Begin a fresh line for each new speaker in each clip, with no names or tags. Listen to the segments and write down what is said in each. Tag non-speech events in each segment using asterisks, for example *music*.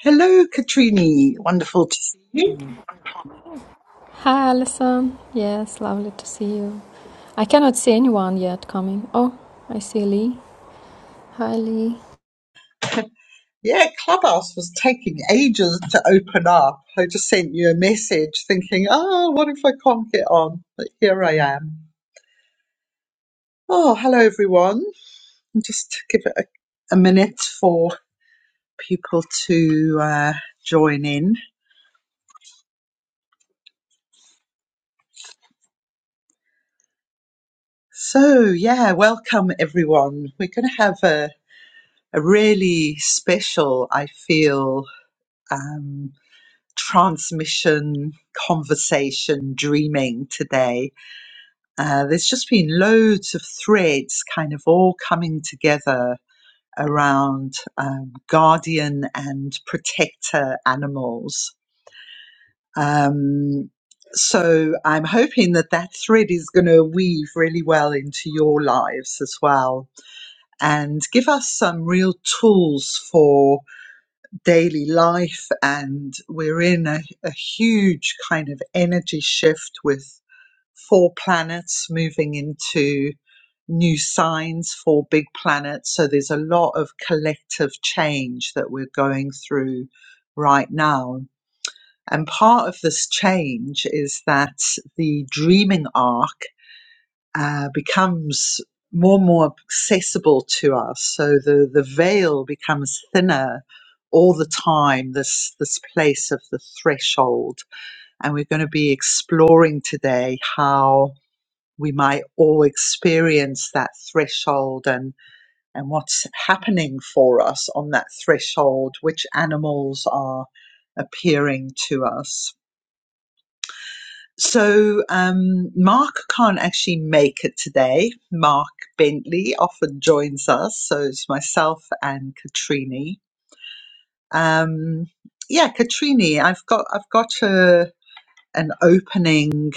Hello, Katrini. Wonderful to see you.
Hi, Alison. Yes, lovely to see you. I cannot see anyone yet coming. Oh, I see Lee. Hi, Lee.
Yeah, Clubhouse was taking ages to open up. I just sent you a message thinking, oh, what if I can't get on? But here I am. Oh, hello, everyone. And Just give it a, a minute for people to uh, join in. So, yeah, welcome, everyone. We're going to have a, a really special, I feel, um, transmission, conversation, dreaming today. Uh, there's just been loads of threads kind of all coming together around um, guardian and protector animals. Um, so I'm hoping that that thread is going to weave really well into your lives as well and give us some real tools for daily life and we're in a, a huge kind of energy shift with four planets moving into new signs for big planets so there's a lot of collective change that we're going through right now and part of this change is that the dreaming arc uh, becomes more and more accessible to us. So the, the veil becomes thinner all the time, this, this place of the threshold. And we're going to be exploring today how we might all experience that threshold and, and what's happening for us on that threshold, which animals are appearing to us. So um, Mark can't actually make it today. Mark Bentley often joins us, so it's myself and Katrini. Um, yeah, Katrini, I've got I've got a, an opening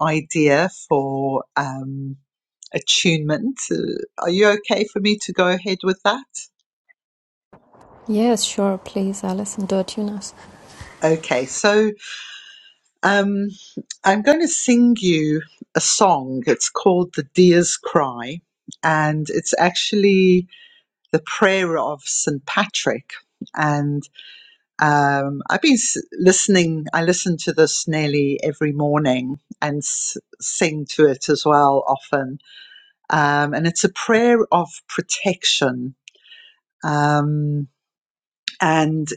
idea for um, attunement. Uh, Are you okay for me to go ahead with that?
Yes, sure. Please, Alison, do tune us.
Okay, so um, I'm going to sing you a song. It's called "The Deer's Cry," and it's actually the prayer of St. Patrick. And um, I've been listening, I listen to this nearly every morning and s- sing to it as well often. Um, and it's a prayer of protection. Um, and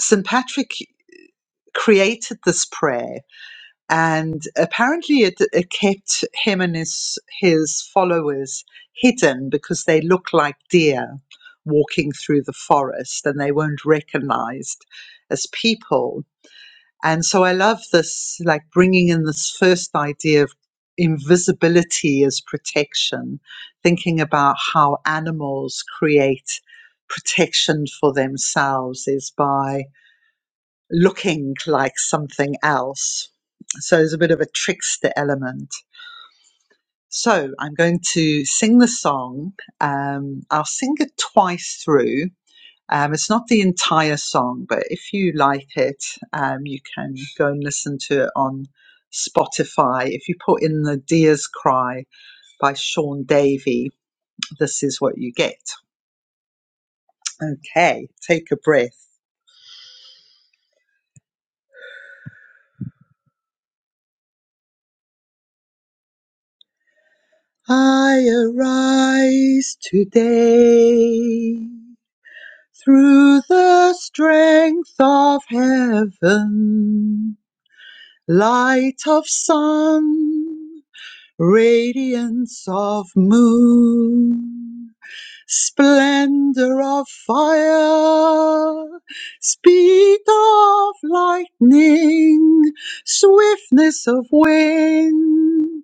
St. Patrick created this prayer and apparently it, it kept him and his his followers hidden because they look like deer walking through the forest and they weren't recognized as people and so i love this like bringing in this first idea of invisibility as protection thinking about how animals create protection for themselves is by looking like something else. So there's a bit of a trickster element. So I'm going to sing the song. Um, I'll sing it twice through. Um, it's not the entire song, but if you like it, um, you can go and listen to it on Spotify. If you put in the Deer's Cry by Sean Davey, this is what you get. Okay, take a breath. I arise today through the strength of heaven, light of sun, radiance of moon, splendor of fire, speed of lightning, swiftness of wind,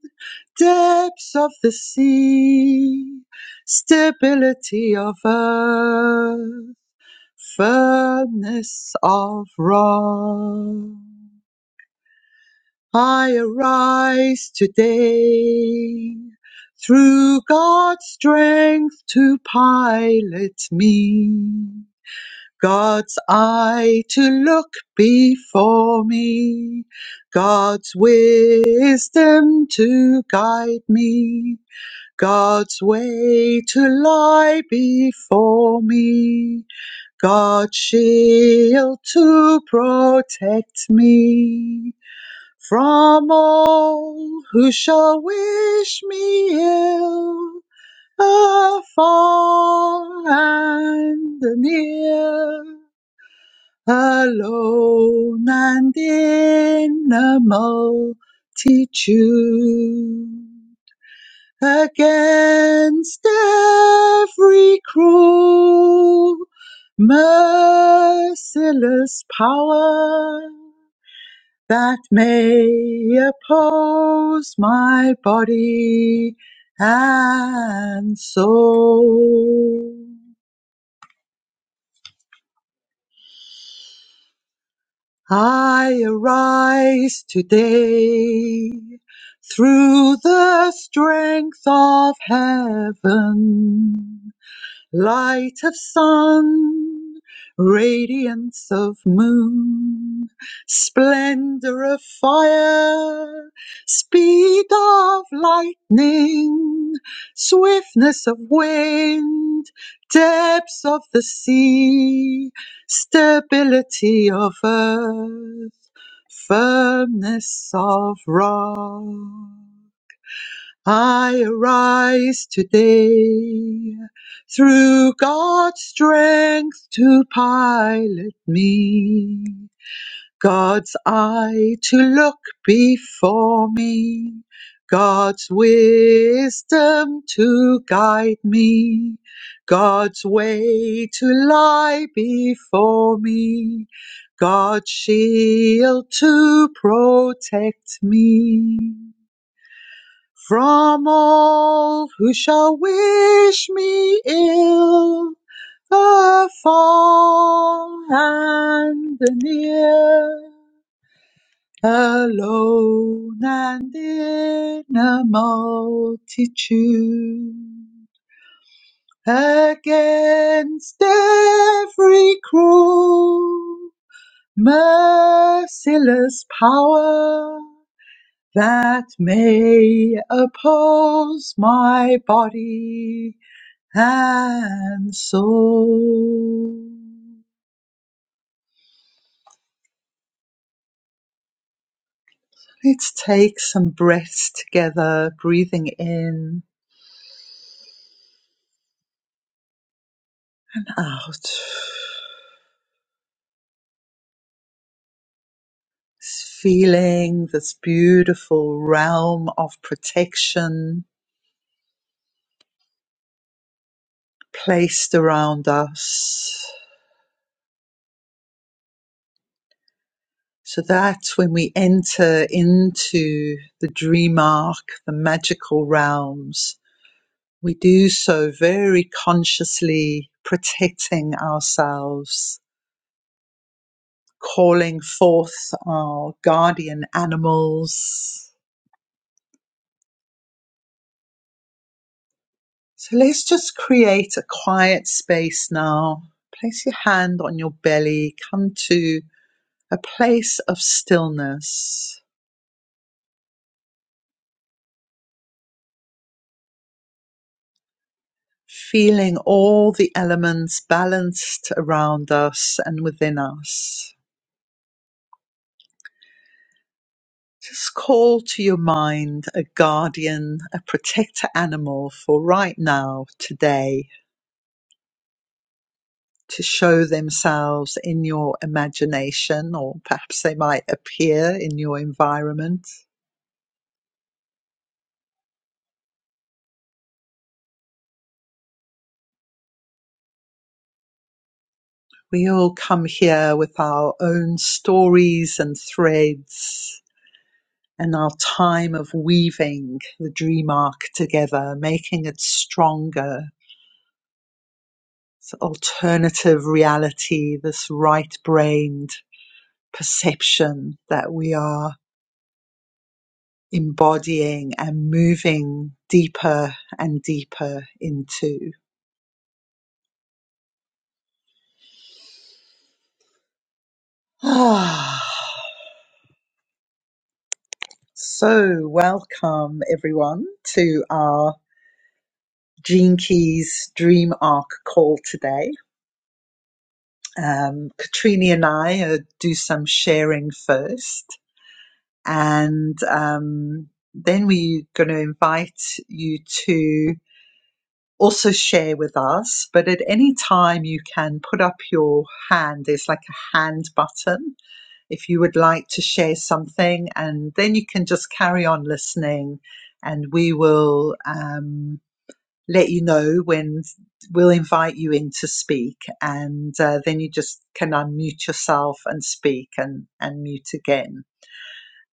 depths of the sea, stability of earth furnace of wrath. I arise today through God's strength to pilot me. God's eye to look before me, God's wisdom to guide me, God's way to lie before me. God shield to protect me from all who shall wish me ill, afar and near, alone and in a multitude against every cruel, merciless power that may oppose my body and soul. I arise today through the strength of heaven light of sun, radiance of moon, splendor of fire, speed of lightning, swiftness of wind, depths of the sea, stability of earth, firmness of rock. I arise today through God's strength to pilot me, God's eye to look before me, God's wisdom to guide me, God's way to lie before me, God's shield to protect me from all who shall wish me ill, the far and the near, alone and in a multitude, against every cruel, merciless power. that may oppose my body and soul. Let's take some breaths together, breathing in, out. Feeling this beautiful realm of protection placed around us. So that when we enter into the dream arc, the magical realms, We do so very consciously protecting ourselves, calling forth our guardian animals. So let's just create a quiet space now. Place your hand on your belly. Come to a place of stillness, feeling all the elements balanced around us and within us. Just call to your mind a guardian, a protector animal for right now, today, to show themselves in your imagination, or perhaps they might appear in your environment. We all come here with our own stories and threads and our time of weaving the dream arc together, making it stronger. It's alternative reality, this right brained perception that we are embodying and moving deeper and deeper into. *sighs* Ah, so, welcome everyone to our Gene Keys Dream Arc call today. Um, Katrini and I uh, do some sharing first, and um, then we're going to invite you to also share with us. But at any time, you can put up your hand. There's like a hand button if you would like to share something, and then you can just carry on listening, and we will um, let you know when we'll invite you in to speak, and uh, then you just can unmute yourself and speak and and mute again.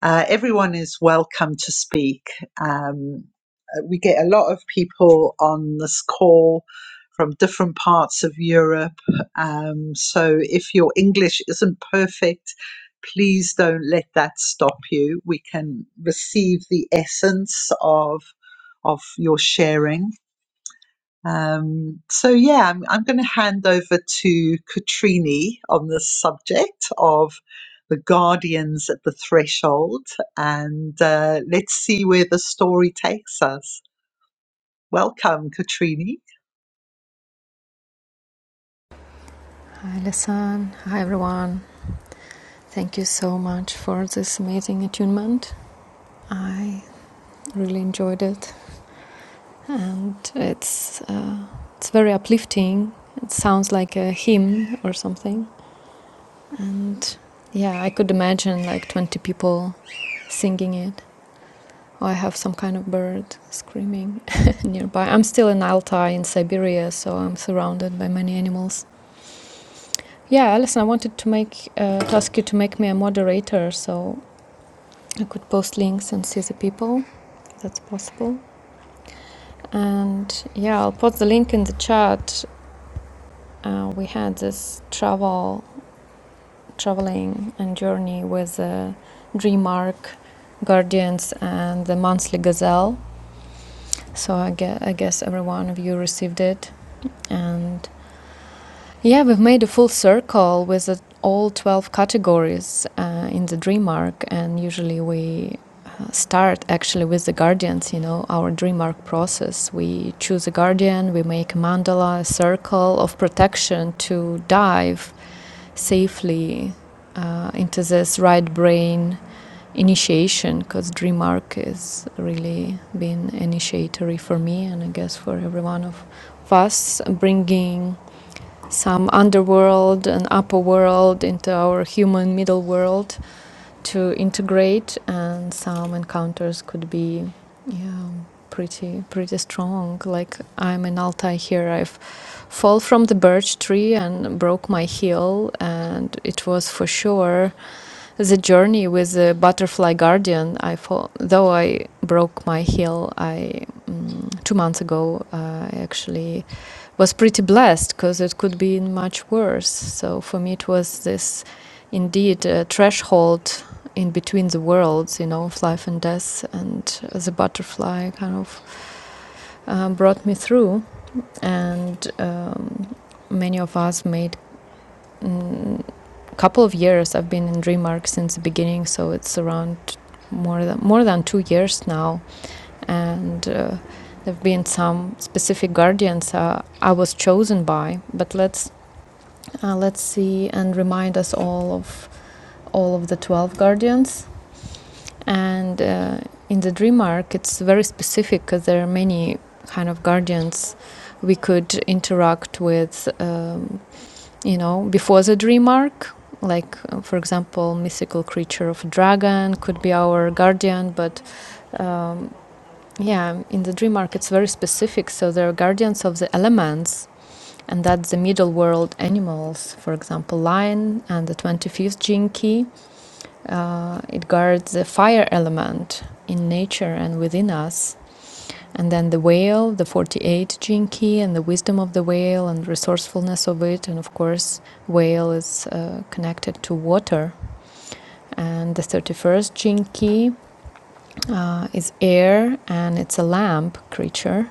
Uh, everyone is welcome to speak. Um, uh, we get a lot of people on this call from different parts of Europe. Um, so if your English isn't perfect, please don't let that stop you. We can receive the essence of of your sharing um, so yeah, I'm, I'm going to hand over to Katrini on the subject of the guardians at the threshold, and uh, let's see where the story takes us. Welcome, Katrini.
Hi, Alison. Hi, everyone. Thank you so much for this amazing attunement. I really enjoyed it, and it's uh, it's very uplifting. It sounds like a hymn or something, and yeah, I could imagine like twenty people singing it. I have some kind of bird screaming *laughs* nearby. I'm still in Altai in Siberia, so I'm surrounded by many animals. Yeah, Alison, I wanted to make uh, to ask you to make me a moderator so I could post links and see the people. that's possible. And yeah, I'll put the link in the chat. Uh, we had this travel, traveling and journey with uh, Dreamark, Guardians, and the Monthly Gazelle. So I guess, I guess every one of you received it and Yeah, we've made a full circle with uh, all 12 categories uh, in the dream arc, and usually we uh, start actually with the guardians, you know, our dream arc process. We choose a guardian, we make a mandala, a circle of protection to dive safely uh, into this right brain initiation because dream arc is really been initiatory for me and I guess for every one of us, bringing some underworld and upper world into our human middle world to integrate and some encounters could be yeah pretty pretty strong like i'm in altai here i've fall from the birch tree and broke my heel and it was for sure the journey with the butterfly guardian i fall though i broke my heel i mm, two months ago i uh, actually was pretty blessed because it could be much worse. So for me, it was this indeed a threshold in between the worlds, you know, of life and death. And uh, the butterfly kind of uh, brought me through. And um, many of us made a mm, couple of years i've been in dreamark since the beginning so it's around more than more than two years now and uh, there have been some specific guardians uh, i was chosen by but let's Uh, let's see and remind us all of all of the 12 guardians. And uh, in the dream arc, it's very specific because there are many kind of guardians we could interact with, um, you know, before the dream arc. Like, uh, for example, mythical creature of dragon could be our guardian, but um, yeah, in the dream arc, it's very specific. So there are guardians of the elements and that's the middle world animals, for example, lion and the 25th gene key. Uh, it guards the fire element in nature and within us. And then the whale, the forty-eighth gene key, and the wisdom of the whale and resourcefulness of it. And of course, whale is uh, connected to water. And the 31st gene key uh, is air, and it's a lamp creature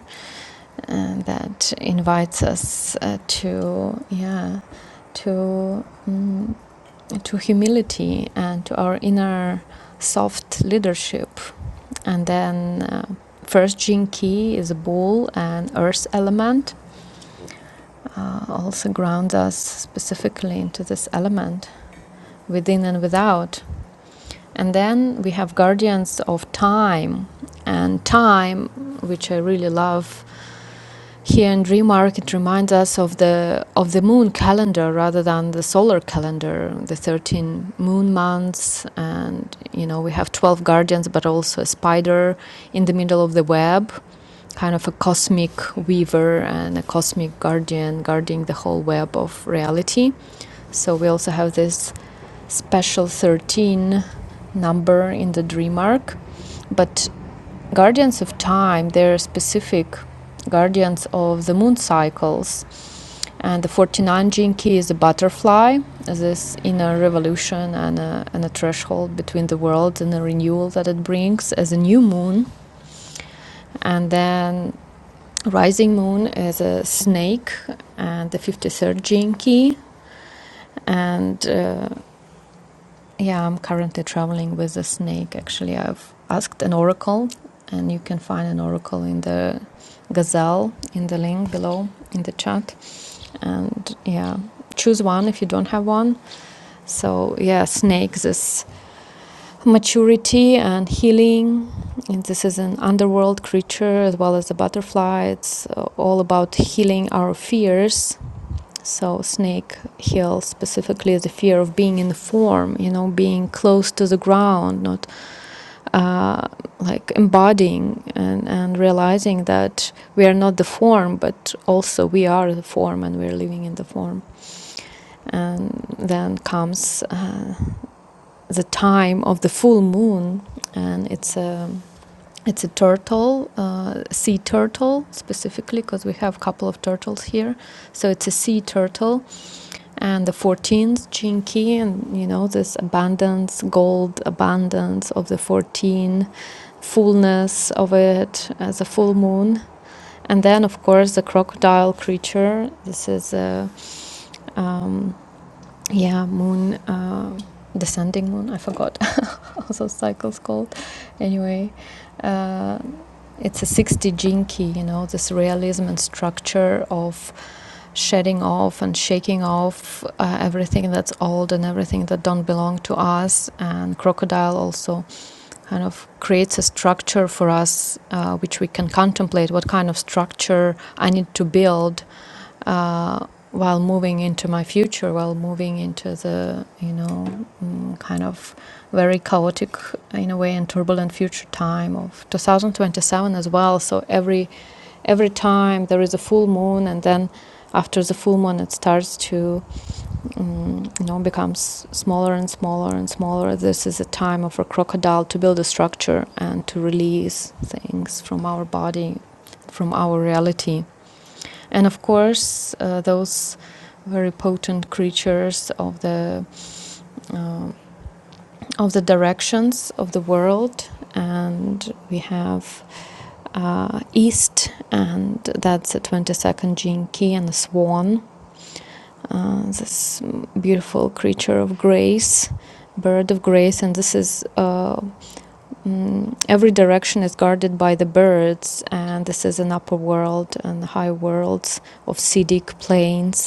and that invites us uh, to, yeah, to mm, to humility and to our inner soft leadership and then uh, first jin ki is a bull and earth element uh, also grounds us specifically into this element within and without and then we have guardians of time and time which i really love Here in Remark, it reminds us of the of the moon calendar rather than the solar calendar. The thirteen moon months, and you know we have twelve guardians, but also a spider in the middle of the web, kind of a cosmic weaver and a cosmic guardian guarding the whole web of reality. So we also have this special thirteen number in the Dreamark. But guardians of time, they're specific guardians of the moon cycles. And the 49 Jinki is a butterfly, this inner revolution and a, and a threshold between the worlds and the renewal that it brings as a new moon. And then Rising Moon is a snake, and the 53rd Jinki. And uh, yeah, I'm currently traveling with a snake. Actually, I've asked an oracle, and you can find an oracle in the gazelle in the link below in the chat. And yeah, choose one if you don't have one So, yeah, snakes is maturity and healing. And this is an underworld creature as well as the butterfly. It's uh, all about healing our fears. So, snake heals specifically the fear of being in form, you know, being close to the ground, not uh, like embodying and, and realizing that we are not the form, but also we are the form and we're living in the form. And then comes uh, the time of the full moon, and it's a it's a turtle, uh, sea turtle specifically, because we have a couple of turtles here. So it's a sea turtle, and the 14th jinki, and you know this abundance, gold abundance of the 14, fullness of it as a full moon, and then of course the crocodile creature. This is a um, yeah moon. Uh, descending moon i forgot also cycles called. Anyway, uh, it's a 60 jinki, you know, this realism and structure of shedding off and shaking off uh, everything that's old and everything that don't belong to us. And crocodile also kind of creates a structure for us uh, which we can contemplate what kind of structure I need to build uh, while moving into my future, while moving into the, you know, mm, kind of very chaotic in a way and turbulent future time of 2027 as well. So every every time there is a full moon, and then after the full moon, it starts to, um, you know, becomes smaller and smaller and smaller. This is a time of a crocodile to build a structure and to release things from our body, from our reality and of course, uh, those very potent creatures of the uh, of the directions of the world, and we have uh, East, and that's the 22nd Gene Key and the Swan, uh, this beautiful creature of grace, bird of grace, and this is uh, mm, every direction is guarded by the birds, and this is an upper world and high worlds of Siddhic plains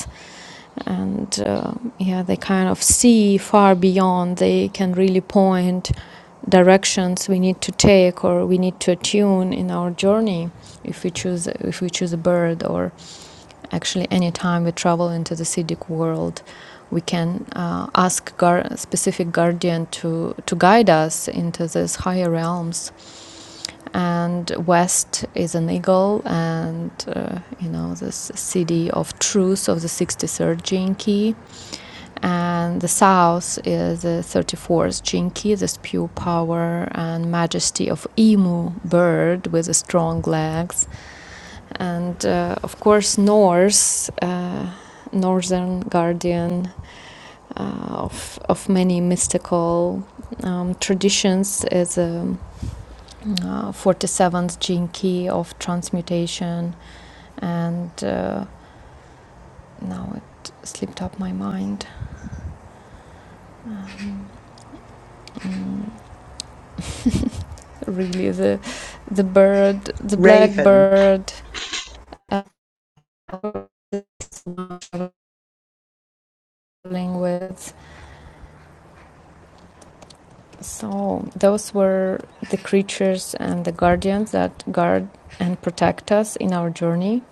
and uh, yeah they kind of see far beyond they can really point directions we need to take or we need to attune in our journey if we choose if we choose a bird or actually any time we travel into the siddhic world we can uh, ask gar- specific guardian to, to guide us into these higher realms and west is an eagle and uh, you know this city of truth of the 63rd gene key and the south is the 34th jinki, this pure power and majesty of emu bird with the strong legs, and uh, of course north, uh, northern guardian uh, of of many mystical um, traditions is the uh, 47th jinki of transmutation, and uh, now it slipped up my mind. Um, mm. really the the bird the
Raven.
blackbird uh, dealing with so those were the creatures and the guardians that guard and protect us in our journey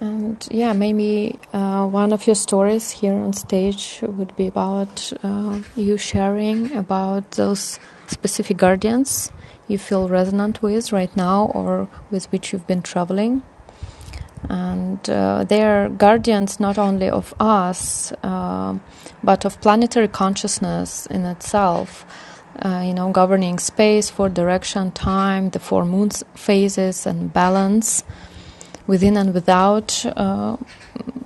and yeah maybe uh, one of your stories here on stage would be about uh, you sharing about those specific guardians you feel resonant with right now or with which you've been traveling and uh, they are guardians not only of us uh, but of planetary consciousness in itself uh, you know governing space for direction time the four moons phases and balance within and without uh,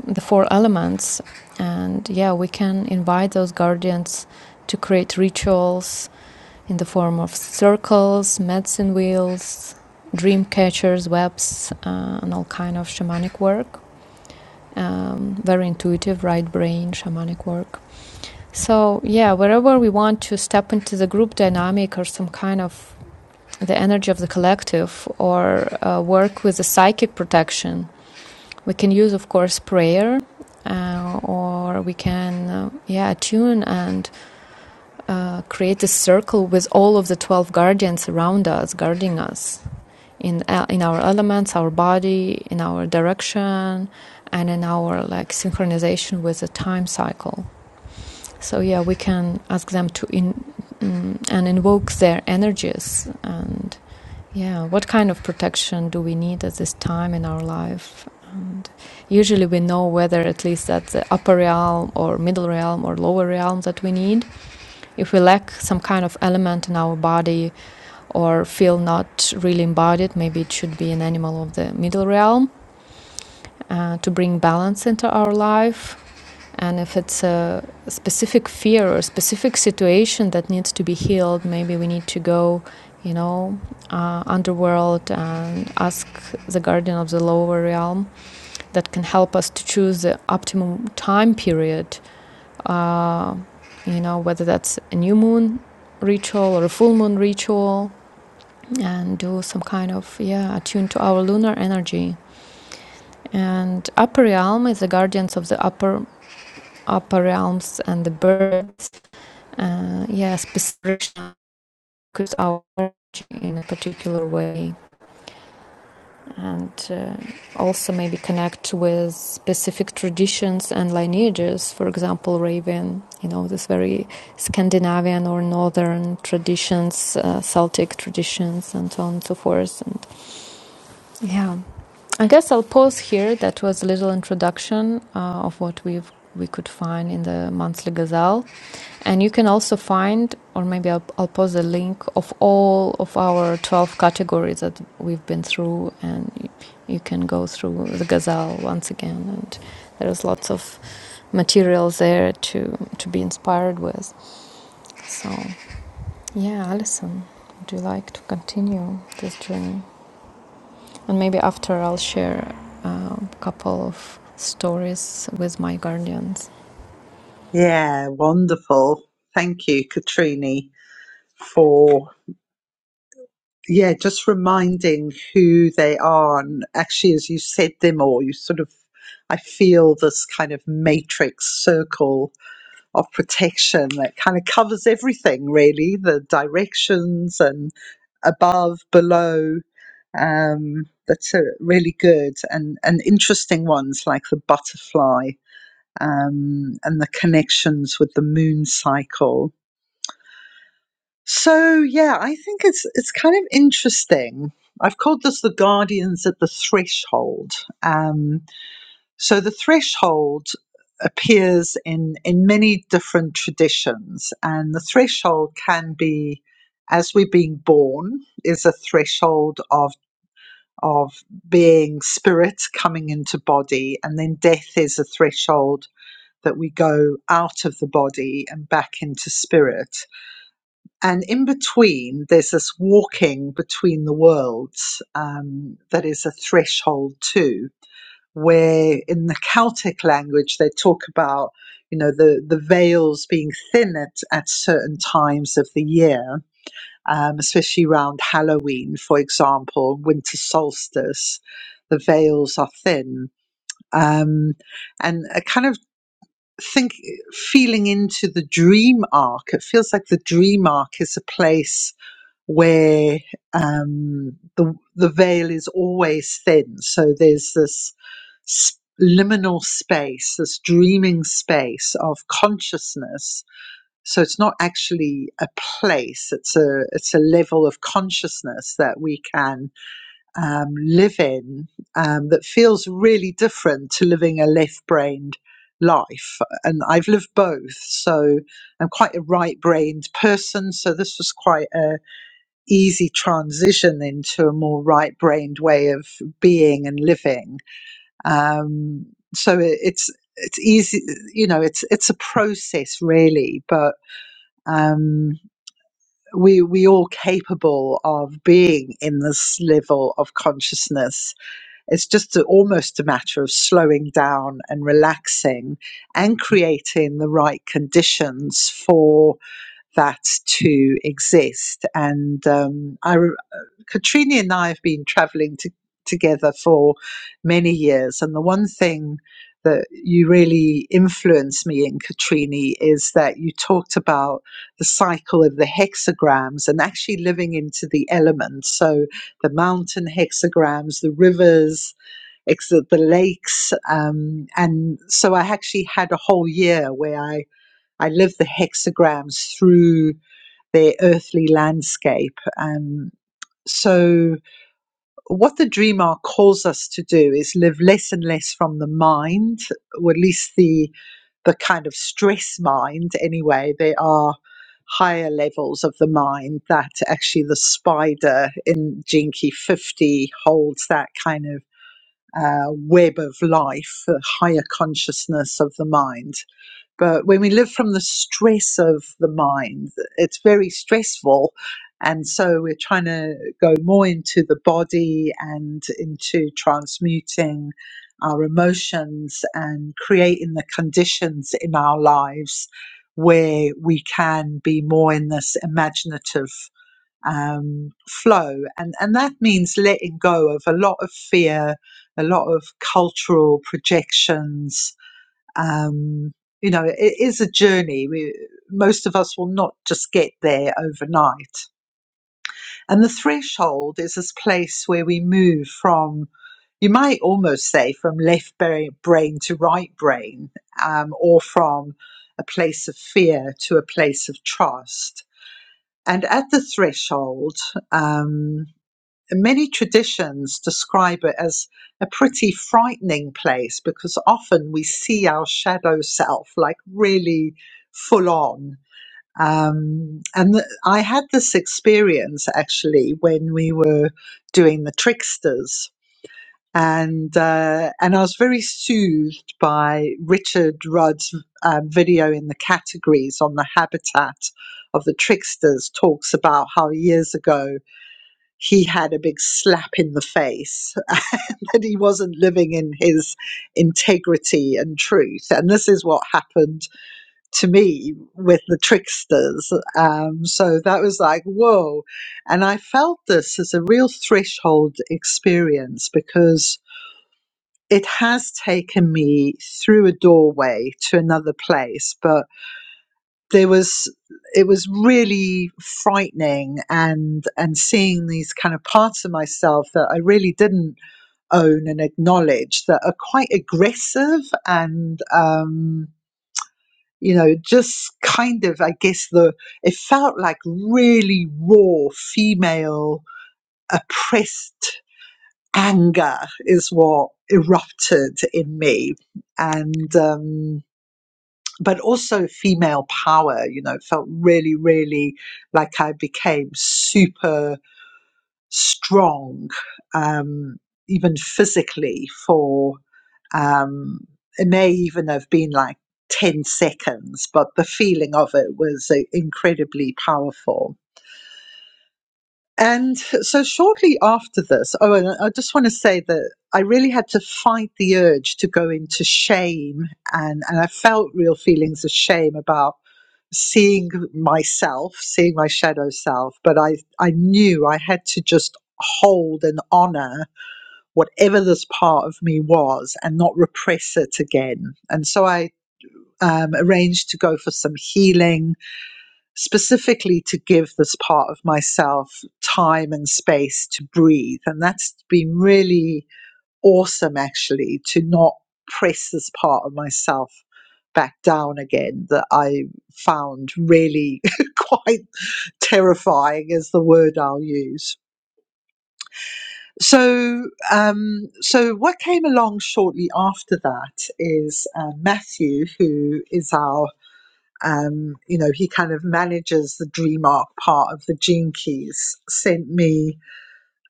the four elements and yeah we can invite those guardians to create rituals in the form of circles medicine wheels dream catchers webs uh, and all kind of shamanic work um, very intuitive, right brain, shamanic work. So, yeah, wherever we want to step into the group dynamic or some kind of the energy of the collective or uh, work with the psychic protection, we can use, of course, prayer uh, or we can uh, yeah attune and uh, create a circle with all of the 12 guardians around us guarding us in uh, in our elements, our body, in our direction, and in our like synchronization with the time cycle. So yeah, we can ask them to in um, and invoke their energies and yeah, what kind of protection do we need at this time in our life? And usually we know whether at least that's the upper realm or middle realm or lower realm that we need. If we lack some kind of element in our body, or feel not really embodied. Maybe it should be an animal of the middle realm uh, to bring balance into our life. And if it's a specific fear or a specific situation that needs to be healed, maybe we need to go, you know, uh, underworld and ask the guardian of the lower realm that can help us to choose the optimum time period. Uh, you know, whether that's a new moon ritual or a full moon ritual and do some kind of yeah attune to our lunar energy and upper realm is the guardians of the upper upper realms and the birds uh, yeah specific because our energy in a particular way and uh, also maybe connect with specific traditions and lineages for example raven you know this very scandinavian or northern traditions uh, celtic traditions and so on and so forth and yeah I guess I'll pause here. That was a little introduction uh, of what we've we could find in the monthly gazelle and you can also find or maybe I'll, I'll post a link of all of our 12 categories that we've been through and you, you can go through the gazelle once again and there's lots of materials there to to be inspired with so yeah alison would you like to continue this journey And maybe after I'll share a couple of stories with my guardians.
Yeah, wonderful. Thank you, Katrini, for yeah, just reminding who they are. And actually, as you said them all, you sort of I feel this kind of matrix circle of protection that kind of covers everything really the directions and above below um, that's a really good and, and interesting ones like the butterfly um, and the connections with the moon cycle so yeah i think it's it's kind of interesting i've called this the guardians at the threshold Um, so the threshold appears in, in many different traditions, and the threshold can be as we're being born is a threshold of of being spirit coming into body, and then death is a threshold that we go out of the body and back into spirit. And in between, there's this walking between the worlds um, that is a threshold too where in the Celtic language they talk about you know the the veils being thin at, at certain times of the year, um, especially around Halloween, for example, winter solstice, the veils are thin, um, and a kind of think feeling into the dream arc. It feels like the dream arc is a place where um, the the veil is always thin. So there's this s- liminal space, this dreaming space of consciousness. So it's not actually a place; it's a it's a level of consciousness that we can um, live in um, that feels really different to living a left-brained life. And I've lived both, so I'm quite a right-brained person. So this was quite a easy transition into a more right-brained way of being and living. Um, so it, it's it's easy, you know. It's it's a process really, but um, we we all capable of being in this level of consciousness. It's just a, almost a matter of slowing down and relaxing, and creating the right conditions for that to exist. And um, I, re- uh, Katrina and I have been traveling to, together for many years. And the one thing that you really influenced me in, Katrina, is that you talked about the cycle of the hexagrams and actually living into the elements. So the mountain hexagrams, the rivers, the lakes. Um, and so I actually had a whole year where I I lived the hexagrams through their earthly landscape. Um, so, what the dream arc calls us to do is live less and less from the mind, or at least the the kind of stress mind. Anyway, there are higher levels of the mind that actually the spider in Jinky Fifty holds that kind of uh, web of life, the higher consciousness of the mind. But when we live from the stress of the mind, it's very stressful. And so we're trying to go more into the body and into transmuting our emotions and creating the conditions in our lives where we can be more in this imaginative um, flow. And, and that means letting go of a lot of fear, a lot of cultural projections, um, you know, it is a journey. We, most of us will not just get there overnight. And the threshold is this place where we move from, you might almost say, from left bra- brain to right brain, um, or from a place of fear to a place of trust. And at the threshold, um, Many traditions describe it as a pretty frightening place because often we see our shadow self like really full on. Um, and th- I had this experience actually when we were doing the tricksters. And uh, and I was very soothed by Richard Rudd's um, video in the categories on the habitat of the tricksters. Talks about how years ago he had a big slap in the face *laughs* that he wasn't living in his integrity and truth. And this is what happened to me with the tricksters. Um, so that was like, whoa. And I felt this as a real threshold experience because it has taken me through a doorway to another place. But there was it was really frightening and and seeing these kind of parts of myself that I really didn't own and acknowledge that are quite aggressive and um you know just kind of I guess the it felt like really raw female oppressed anger is what erupted in me and um but also female power. You know, it felt really, really like I became super strong, um, even physically for, um, it may even have been like 10 seconds, but the feeling of it was uh, incredibly powerful. And so shortly after this, oh, and I just want to say that I really had to fight the urge to go into shame and, and I felt real feelings of shame about seeing myself, seeing my shadow self, but I, I knew I had to just hold and honor whatever this part of me was and not repress it again. And so I um, arranged to go for some healing, specifically to give this part of myself time and space to breathe. And that's been really awesome actually to not press this part of myself back down again that I found really *laughs* quite terrifying is the word I'll use. So, um, so what came along shortly after that is uh, Matthew, who is our, um, you know, he kind of manages the Dreamark part of the Gene Keys, sent me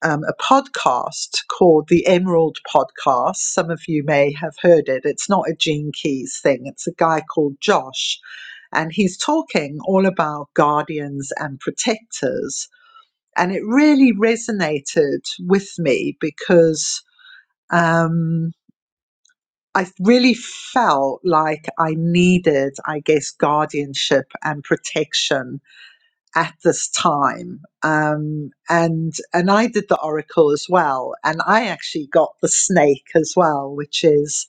um, a podcast called the Emerald Podcast. Some of you may have heard it. It's not a Gene Keys thing, it's a guy called Josh. And he's talking all about guardians and protectors. And it really resonated with me because um, I really felt like I needed, I guess, guardianship and protection at this time. Um, and and I did the oracle as well, and I actually got the snake as well, which is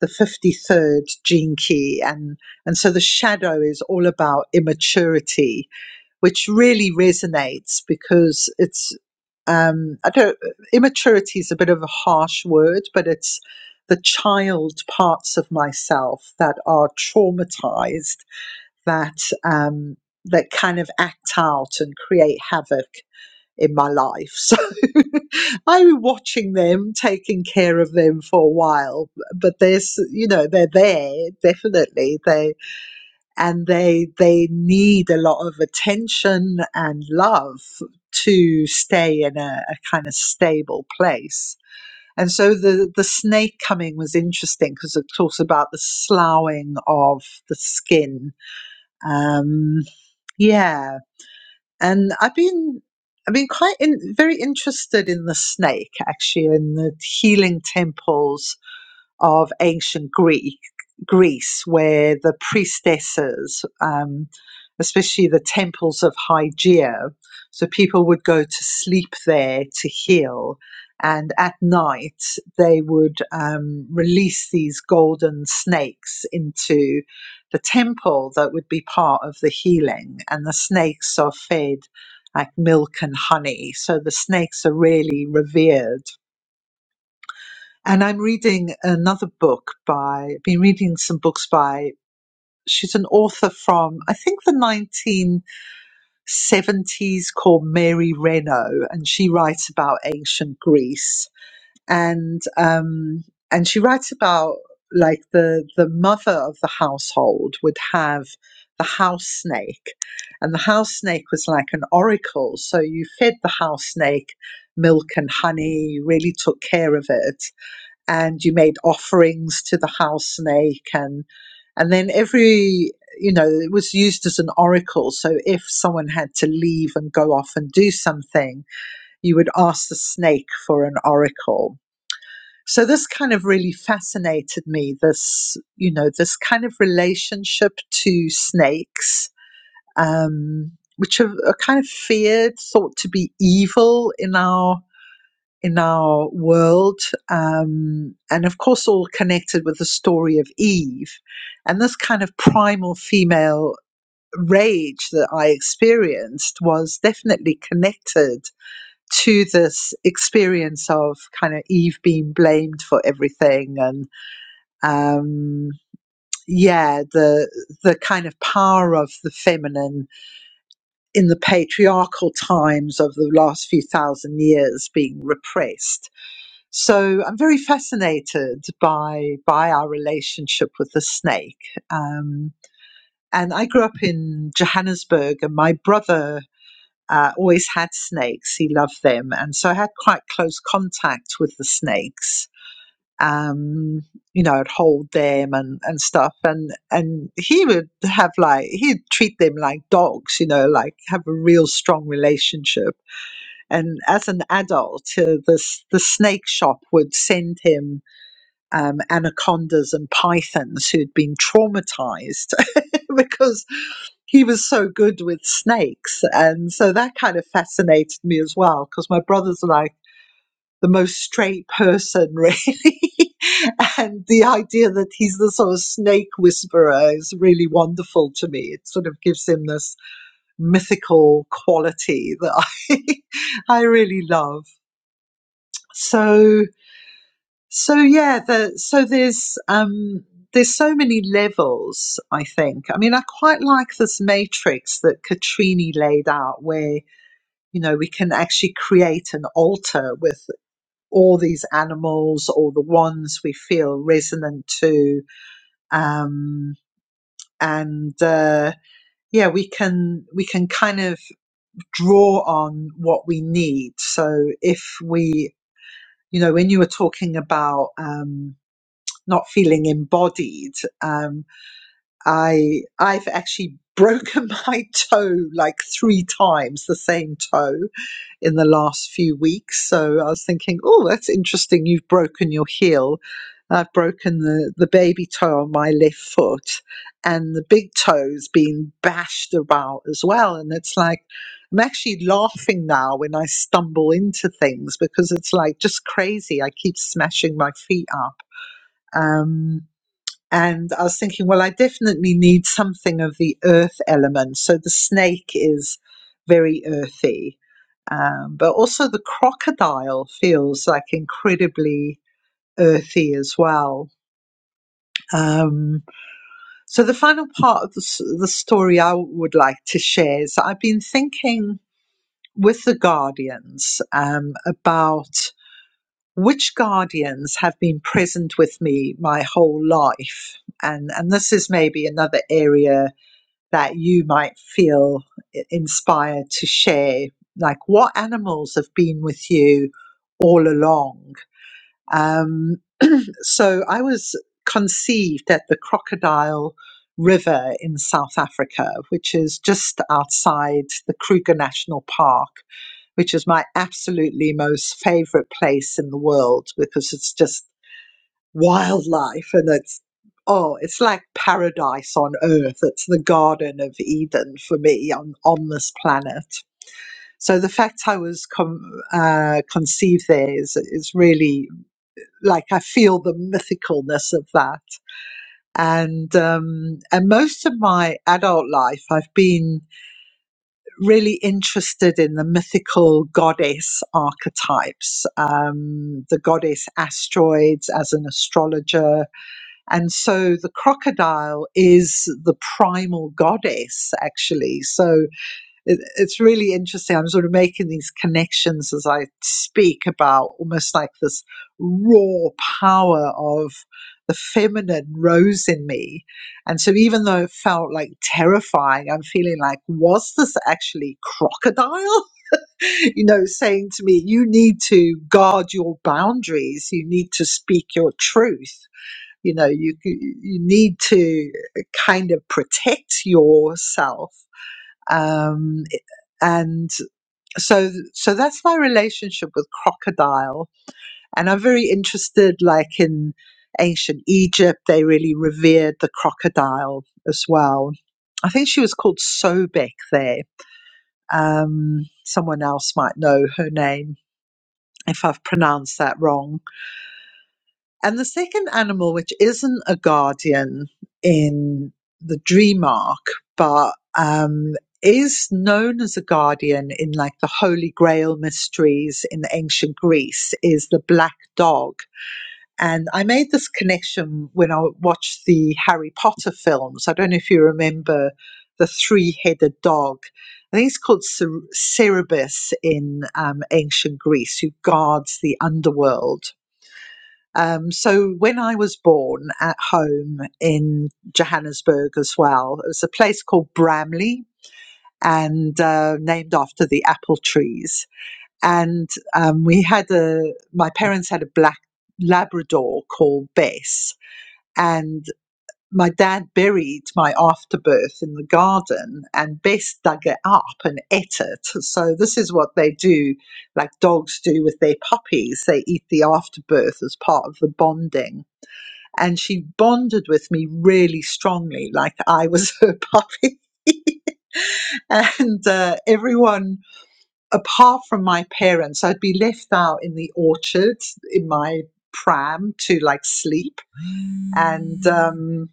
the fifty third gene key, and and so the shadow is all about immaturity, which really resonates because it's um, I don't immaturity is a bit of a harsh word, but it's the child parts of myself that are traumatized that um, that kind of act out and create havoc in my life. So *laughs* I was watching them, taking care of them for a while, but there's you know they're there definitely they and they they need a lot of attention and love to stay in a, a kind of stable place. And so the, the snake coming was interesting because it talks about the sloughing of the skin. Um, yeah, and I've been I've been quite in, very interested in the snake actually in the healing temples of ancient Greek Greece, where the priestesses, um, especially the temples of Hygeia, so people would go to sleep there to heal, and at night they would um, release these golden snakes into the temple that would be part of the healing, and the snakes are fed like milk and honey, so the snakes are really revered and I'm reading another book by, been reading some books by, she's an author from, I think, the 1970s called Mary Renault, and she writes about ancient Greece. And, um, and she writes about like the, the mother of the household would have the house snake. And the house snake was like an oracle. So you fed the house snake milk and honey, you really took care of it and you made offerings to the house snake and and then every you know it was used as an oracle so if someone had to leave and go off and do something you would ask the snake for an oracle so this kind of really fascinated me this you know this kind of relationship to snakes um which are, are kind of feared thought to be evil in our in our world, um, and of course, all connected with the story of Eve. And this kind of primal female rage that I experienced was definitely connected to this experience of kind of Eve being blamed for everything and um yeah the the kind of power of the feminine in the patriarchal times of the last few thousand years being repressed so I'm very fascinated by by our relationship with the snake. Um, and I grew up in Johannesburg, and my brother uh, always had snakes. He loved them, and so I had quite close contact with the snakes. Um, you know, I'd hold them and, and stuff, and and he would have like he'd treat them like dogs. You know, like have a real strong relationship. And as an adult, uh, the the snake shop would send him um, anacondas and pythons who'd been traumatized *laughs* because he was so good with snakes. And so that kind of fascinated me as well because my brother's like the most straight person, really. *laughs* and the idea that he's the sort of snake whisperer is really wonderful to me. It sort of gives him this mythical quality that I, *laughs* I really love. So So yeah, the, so there's um, there's so many levels. I think. I mean, I quite like this matrix that Katrini laid out, where you know we can actually create an altar with all these animals or the ones we feel resonant to, um, and uh, yeah, we can we can kind of draw on what we need. So if we you know, when you were talking about um, not feeling embodied. Um, I I've actually *laughs* broken my toe like three times, the same toe in the last few weeks. So I was thinking, oh, that's interesting. You've broken your heel. I've broken the, the baby toe on my left foot and the big toe's been bashed about as well. And it's like, I'm actually laughing now when I stumble into things because it's like just crazy. I keep smashing my feet up. Um, and I was thinking, well, I definitely need something of the earth element. So the snake is very earthy. Um, but also the crocodile feels like incredibly earthy as well. Um, so the final part of the, s- the story I would like to share is I've been thinking with the guardians um, about which guardians have been present with me my whole life. And, and this is maybe another area that you might feel inspired to share. Like, what animals have been with you all along? Um, so, I was conceived at the Crocodile River in South Africa, which is just outside the Kruger National Park, which is my absolutely most favorite place in the world because it's just wildlife and it's oh it's like paradise on earth it's the garden of eden for me on on this planet so the fact i was com- uh, conceived there is is really like i feel the mythicalness of that and um and most of my adult life i've been really interested in the mythical goddess archetypes um the goddess asteroids as an astrologer and so the crocodile is the primal goddess, actually. So it, it's really interesting. I'm sort of making these connections as I speak about almost like this raw power of the feminine rose in me. And so even though it felt like terrifying, I'm feeling like, was this actually crocodile? *laughs* you know, saying to me, you need to guard your boundaries, you need to speak your truth you know you you need to kind of protect yourself um and so so that's my relationship with crocodile and i'm very interested like in ancient egypt they really revered the crocodile as well i think she was called sobek there um someone else might know her name if i've pronounced that wrong And the second animal, which isn't a guardian in the dream arc, but um, is known as a guardian in like the Holy Grail mysteries in ancient Greece, is the black dog. And I made this connection when I watched the Harry Potter films. I don't know if you remember the three headed dog. I think it's called Cer- Cerberus in um, ancient Greece, who guards the underworld um, so when I was born at home in Johannesburg as well, it was a place called Bramley and uh, named after the apple trees. And um, we had a, my parents had a black Labrador called Bess. And my dad buried my afterbirth in the garden and Bess dug it up and ate it. So this is what they do, like dogs do with their puppies. They eat the afterbirth as part of the bonding and she bonded with me really strongly, like I was *laughs* her puppy. And uh, everyone, apart from my parents, I'd be left out in the orchard in my pram to like sleep. And um,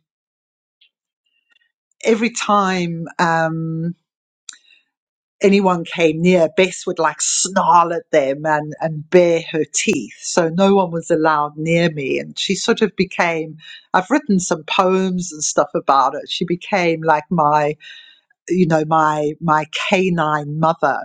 every time um, anyone came near, Bess would like snarl at them and, and bare her teeth. So no one was allowed near me. And she sort of became, I've written some poems and stuff about it. She became like my you know my my canine mother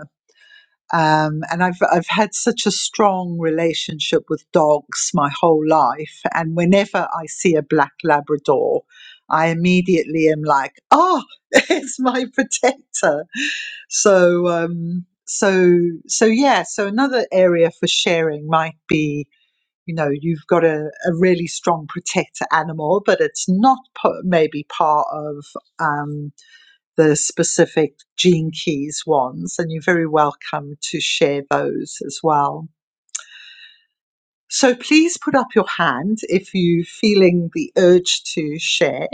um, and I've I've had such a strong relationship with dogs my whole life and whenever I see a black labrador I immediately am like oh *laughs* it's my protector so um, so so yeah so another area for sharing might be you know you've got a, a really strong protector animal but it's not pa- maybe part of um, the specific gene keys ones, and you're very welcome to share those as well. So please put up your hand if you're feeling the urge to share.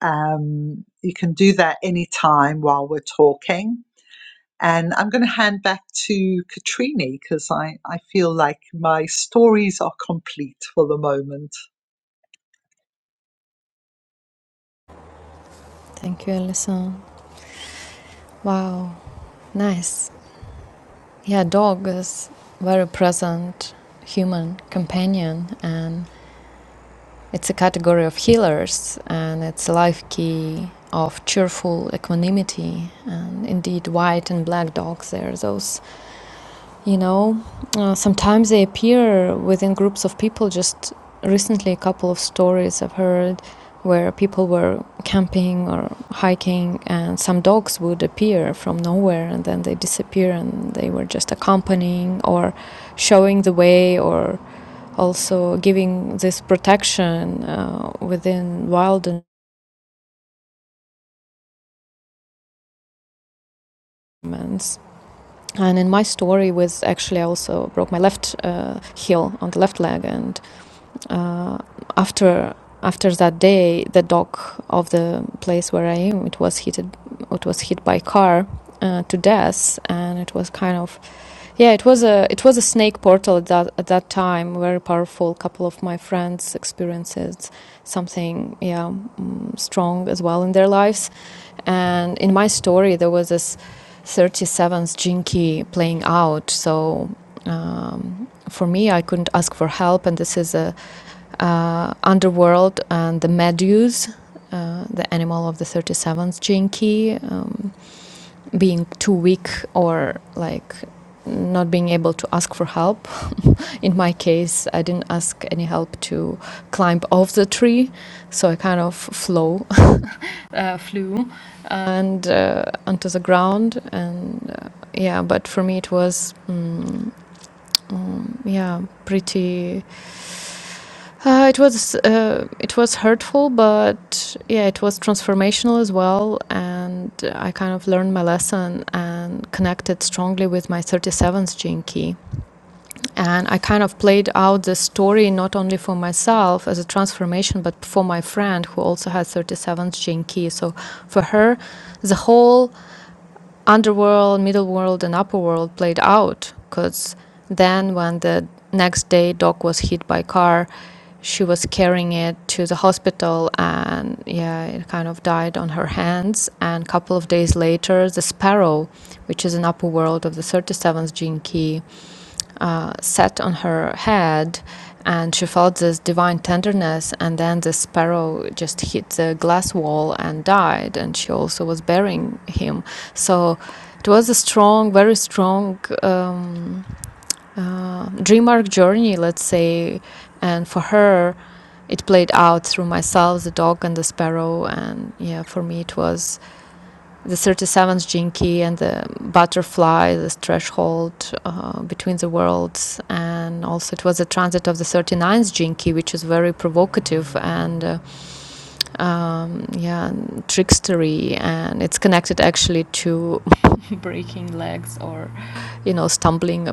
Um, you can do that anytime while we're talking. And I'm going to hand back to Katrini because I, I feel like my stories are complete for the moment.
Thank you, Alison. Wow, nice. Yeah, dog is very present human companion and it's a category of healers and it's a life key of cheerful equanimity and indeed white and black dogs they are those You know, uh, sometimes they appear within groups of people. Just recently, a couple of stories I've heard where people were camping or hiking, and some dogs would appear from nowhere and then they disappear, and they were just accompanying or showing the way, or also giving this protection uh, within wild environments. And in my story, was actually I also broke my left uh, heel on the left leg, and Uh, after after that day, the dock of the place where I am it was hit it was hit by car uh, to death, and it was kind of yeah it was a it was a snake portal at that at that time very powerful. A couple of my friends experiences something yeah mm, strong as well in their lives, and in my story there was this 37th jinky playing out so um, for me i couldn't ask for help and this is a uh, underworld and the Meduse, uh, the animal of the 37th Jinki, um, being too weak or like not being able to ask for help. In my case, I didn't ask any help to climb off the tree, so I kind of flow, *laughs* uh, flew and uh, onto the ground. And uh, yeah, but for me, it was mm, um, yeah pretty Uh, it was uh, it was hurtful, but yeah, it was transformational as well, and I kind of learned my lesson and connected strongly with my 37th gene key. And I kind of played out the story not only for myself as a transformation, but for my friend who also had 37th gene key. So for her, the whole underworld, middle world, and upper world played out. Because then, when the next day Doc was hit by a car, she was carrying it to the hospital, and yeah, it kind of died on her hands. And a couple of days later, the Sparrow, which is an upper world of the 37th gene key, uh, set on her head and she felt this divine tenderness and then the sparrow just hit the glass wall and died and she also was burying him so it was a strong very strong um, uh, dream arc journey let's say and for her it played out through myself the dog and the sparrow and yeah for me it was the 37th Jinki and the butterfly, this threshold uh, between the worlds. And also, it was a transit of the thirty-ninth Jinki, which is very provocative and, uh, um, yeah, and trickstery. And it's connected actually to *laughs* breaking legs or, you know, stumbling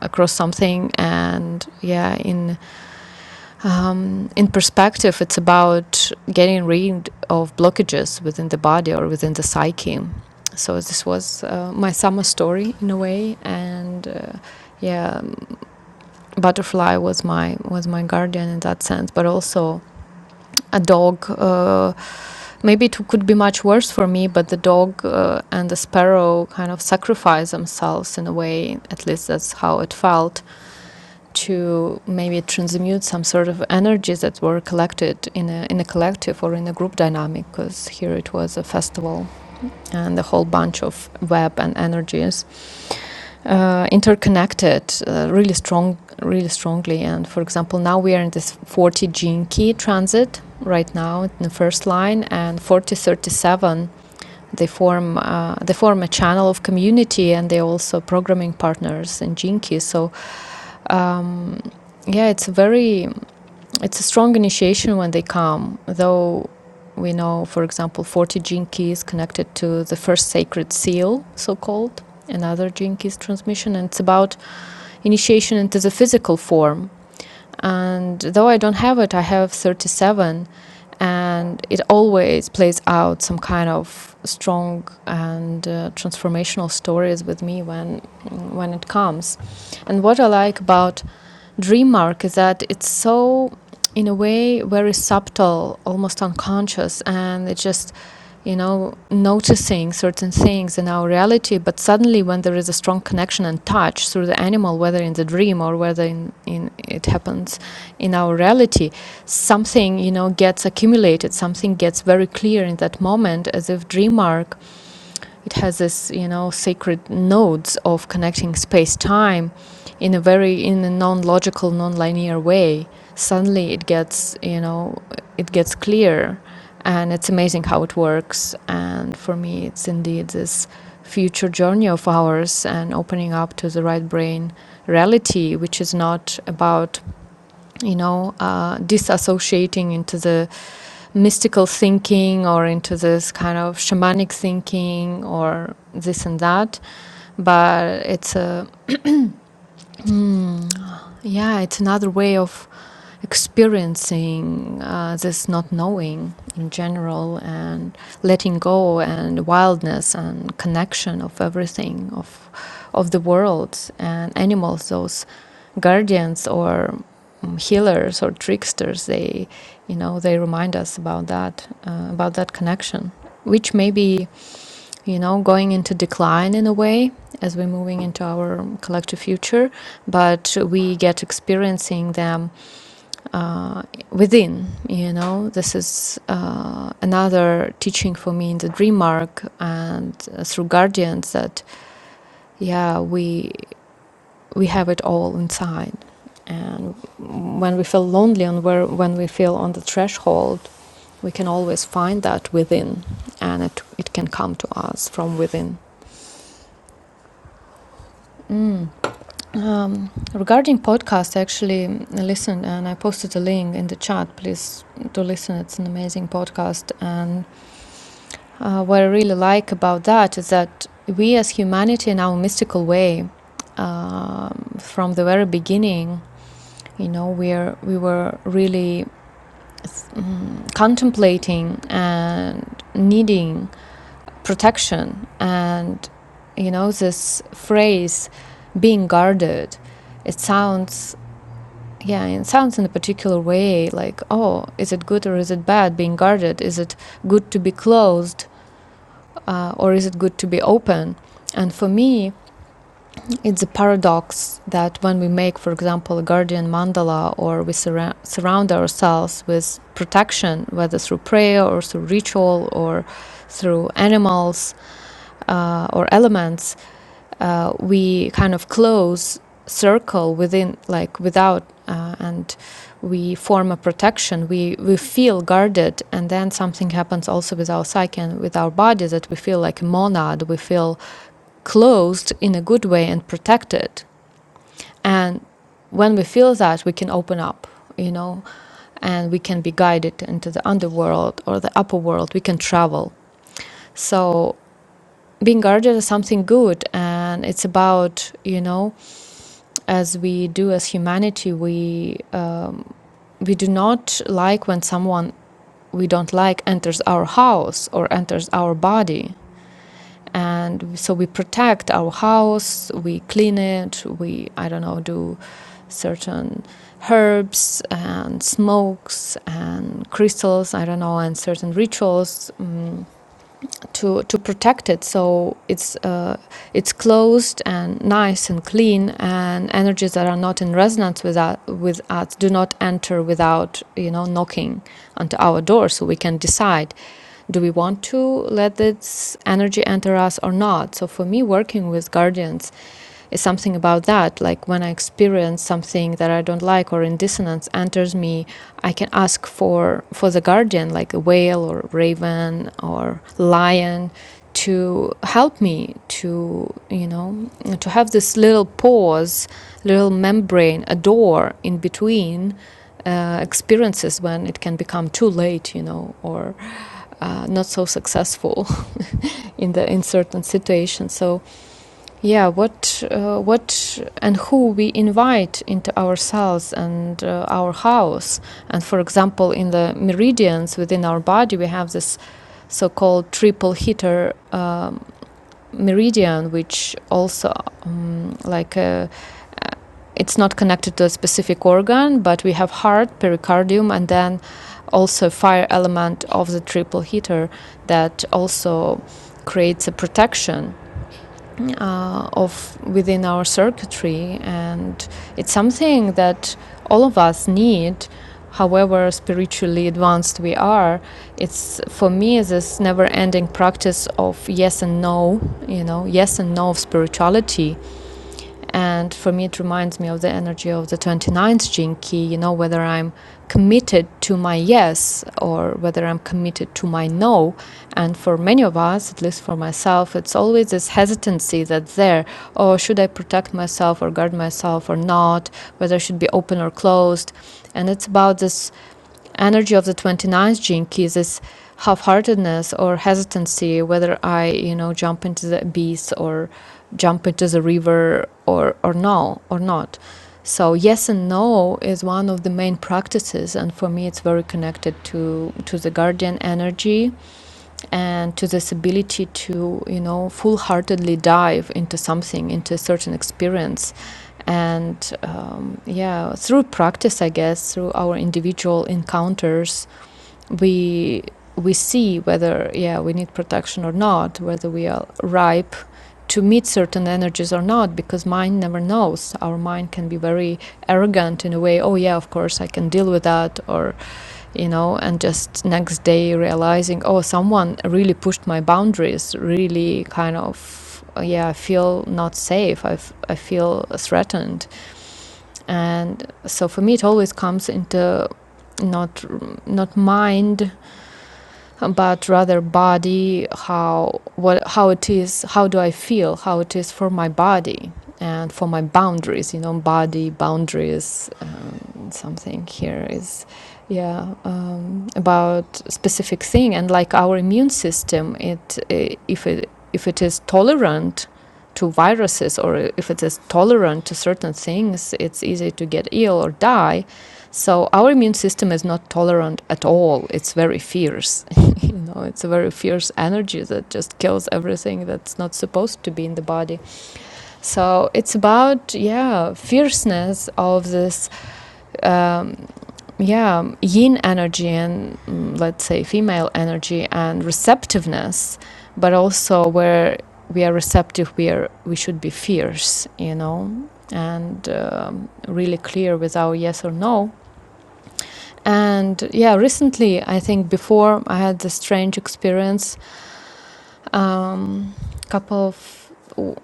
across something. And, yeah, in um, in perspective, it's about getting rid of blockages within the body or within the psyche. So this was uh, my summer story in a way, and uh, yeah, butterfly was my was my guardian in that sense, but also a dog. Uh, maybe it could be much worse for me, but the dog uh, and the sparrow kind of sacrifice themselves in a way. At least that's how it felt to maybe transmute some sort of energies that were collected in a, in a collective or in a group dynamic, because here it was a festival and a whole bunch of web and energies uh, interconnected uh, really strong, really strongly. And for example, now we are in this 40 gene key transit right now in the first line, and 4037 they form uh, they form a channel of community and they're also programming partners in Jinki. So um, yeah, it's a very it's a strong initiation when they come, though we know, for example, 40 gene keys connected to the first sacred seal, so called, another gene keys transmission. And it's about initiation into the physical form. And though I don't have it, I have 37, and it always plays out some kind of strong and uh, transformational stories with me when when it comes. And what I like about Dream mark is that it's so, in a way, very subtle, almost unconscious, and it just you know, noticing certain things in our reality, but suddenly when there is a strong connection and touch through the animal, whether in the dream or whether in, in it happens in our reality, something, you know, gets accumulated, something gets very clear in that moment as if dream arc it has this, you know, sacred nodes of connecting space-time in a very in a non-logical, non-linear way. Suddenly, it gets, you know, it gets clear, and it's amazing how it works. And for me, it's indeed this future journey of ours and opening up to the right brain reality, which is not about, you know, uh, disassociating into the mystical thinking or into this kind of shamanic thinking or this and that but it's a mm, yeah it's another way of experiencing uh, this not knowing in general and letting go and wildness and connection of everything of of the world and animals those guardians or um, healers or tricksters they you know they remind us about that uh, about that connection which may be you know going into decline in a way as we're moving into our collective future but we get experiencing them uh, within you know this is uh, another teaching for me in the dream arc and uh, through guardians that yeah we we have it all inside. And when we feel lonely and where, when we feel on the threshold, we can always find that within, and it, it can come to us from within. Mm. Um, regarding podcast, I actually listened and I posted a link in the chat. Please do listen. It's an amazing podcast. And uh, what I really like about that is that we as humanity in our mystical way, um, from the very beginning, you know where we were really mm, contemplating and needing protection and you know this phrase being guarded it sounds yeah it sounds in a particular way like oh is it good or is it bad being guarded is it good to be closed uh, or is it good to be open and for me It's a paradox that when we make, for example, a guardian mandala or we surra- surround ourselves with protection, whether through prayer or through ritual or through animals uh, or elements, uh, we kind of close circle within, like without, uh, and we form a protection. We, we feel guarded, and then something happens also with our psyche and with our body that we feel like a monad, we feel closed in a good way and protected and when we feel that, we can open up, you know, and we can be guided into the underworld or the upper world. We can travel. So being guarded is something good, and it's about, you know, as we do as humanity, we um, we do not like when someone we don't like enters our house or enters our body and so we protect our house we clean it we i don't know do certain herbs and smokes and crystals i don't know and certain rituals mm to to protect it so it's uh, it's closed and nice and clean and energies that are not in resonance with us, with us do not enter without you know knocking onto our door so we can decide do we want to let this energy enter us or not so for me working with guardians is something about that like when i experience something that i don't like or in dissonance enters me I can ask for, for the guardian, like a whale or raven or lion, to help me to, you know, to have this little pause, little membrane, a door in between uh, experiences when it can become too late, you know, or uh, not so successful *laughs* in the in certain situations. So yeah what uh, what and who we invite into ourselves and uh, our house and for example in the meridians within our body we have this so-called triple heater um, meridian which also um, like uh, it's not connected to a specific organ but we have heart pericardium and then also fire element of the triple heater that also creates a protection uh, of within our circuitry, and it's something that all of us need. However spiritually advanced we are, it's for me this never-ending practice of yes and no. You know, yes and no of spirituality and for me, it reminds me of the energy of the 29th key. you know, whether I'm committed to my yes or whether I'm committed to my no. And for many of us, at least for myself, it's always this hesitancy that's there. Oh, should I protect myself or guard myself or not? Whether I should be open or closed. And it's about this energy of the 29th gene keys is this half-heartedness or hesitancy whether i you know jump into the abyss or jump into the river or or no or not so yes and no is one of the main practices and for me it's very connected to to the guardian energy and to this ability to you know full-heartedly dive into something into a certain experience and um, yeah through practice i guess through our individual encounters we we see whether yeah we need protection or not whether we are ripe to meet certain energies or not because mind never knows our mind can be very arrogant in a way oh yeah of course i can deal with that or you know and just next day realizing oh someone really pushed my boundaries really kind of uh, yeah i feel not safe i, f- I feel threatened and so for me it always comes into not not mind but rather body how what how it is how do i feel how it is for my body and for my boundaries you know body boundaries um, something here is yeah um, about specific thing and like our immune system it eh, if it if it is tolerant to viruses or if it is tolerant to certain things it's easy to get ill or die so our immune system is not tolerant at all it's very fierce you know, it's a very fierce energy that just kills everything that's not supposed to be in the body. So it's about yeah, fierceness of this um, yeah yin energy and mm, let's say female energy and receptiveness, but also where we are receptive, we are we should be fierce, you know, and um, really clear with our yes or no. And yeah, recently I think before I had this strange experience um, couple of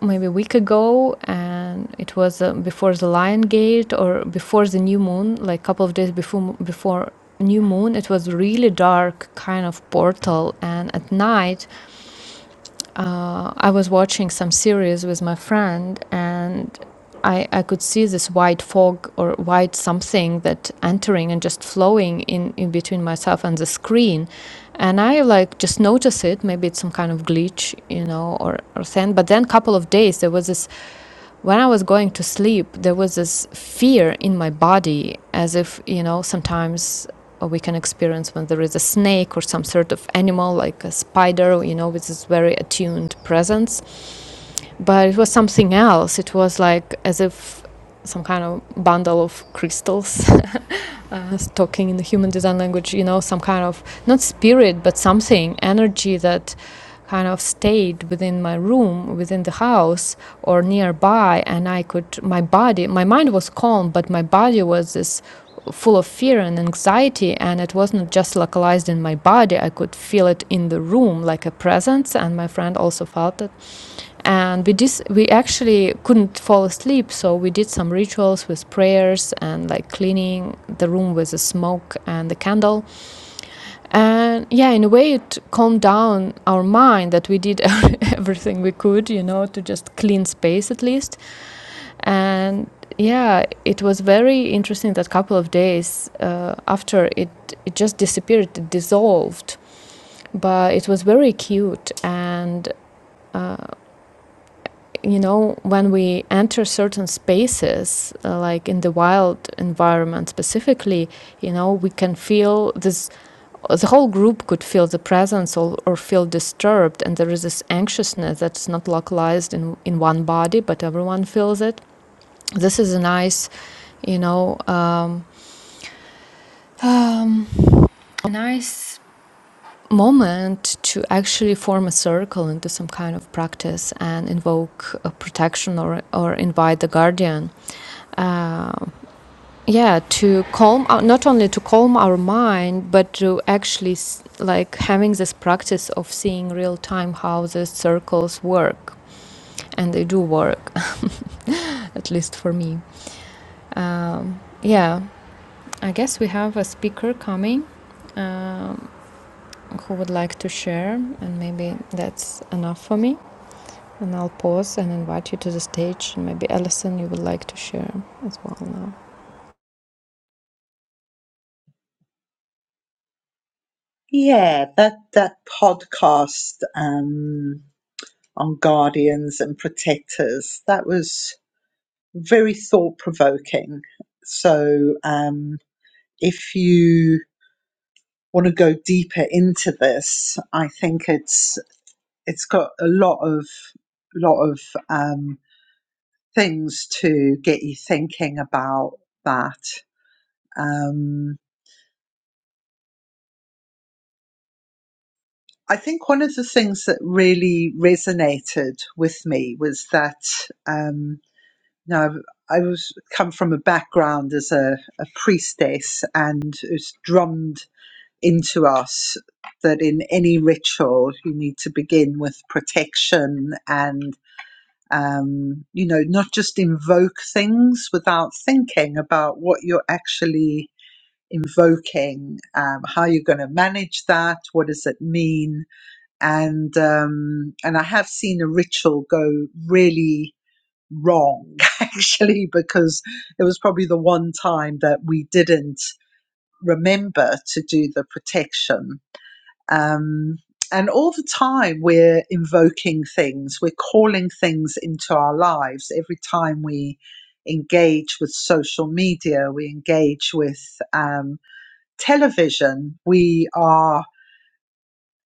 maybe a week ago and it was uh, before the lion gate or before the new moon like a couple of days before before new moon it was really dark kind of portal and at night uh, I was watching some series with my friend, and I, I could see this white fog or white something that entering and just flowing in, in between myself and the screen. And I like just notice it. Maybe it's some kind of glitch, you know, or, or thing. But then a couple of days, there was this when I was going to sleep, there was this fear in my body, as if, you know, sometimes we can experience when there is a snake or some sort of animal like a spider, you know, with this very attuned presence. But it was something else. It was like as if some kind of bundle of crystals *laughs* uh, talking in the human design language, you know, some kind of not spirit, but something, energy that kind of stayed within my room, within the house or nearby. And I could, my body, my mind was calm, but my body was this full of fear and anxiety and it wasn't just localized in my body i could feel it in the room like a presence and my friend also felt it and we dis- we actually couldn't fall asleep so we did some rituals with prayers and like cleaning the room with the smoke and the candle and yeah in a way it calmed down our mind that we did *laughs* everything we could you know to just clean space at least and yeah it was very interesting that couple of days uh, after it it just disappeared it dissolved but it was very cute and uh, you know, when we enter certain spaces, uh, like in the wild environment specifically, you know, we can feel this, the whole group could feel the presence or, or feel disturbed. And there is this anxiousness that's not localized in, in one body, but everyone feels it. This is a nice, you know, um, um, a nice moment to actually form a circle into some kind of practice and invoke a protection or, or invite the guardian uh, yeah to calm out not only to calm our mind but to actually s- like having this practice of seeing real time how the circles work and they do work *laughs* at least for me um, yeah i guess we have a speaker coming um, who would like to share and maybe that's enough for me and i'll pause and invite you to the stage and maybe alison you would like to share as well now
Yeah, that, that podcast um, on guardians and protectors, that was very thought provoking. So, um, if you want to go deeper into this, I think it's it's got a lot of lot of um, things to get you thinking about that. Um, I think one of the things that really resonated with me was that um, now i was come from a background as a, a priestess and was drummed into us that in any ritual you need to begin with protection and um, you know not just invoke things without thinking about what you're actually invoking um, how you're going to manage that what does it mean and um, and i have seen a ritual go really wrong *laughs* actually because it was probably the one time that we didn't remember to do the protection um, and all the time, we're invoking things, we're calling things into our lives. Every time we engage with social media, we engage with um, television, we are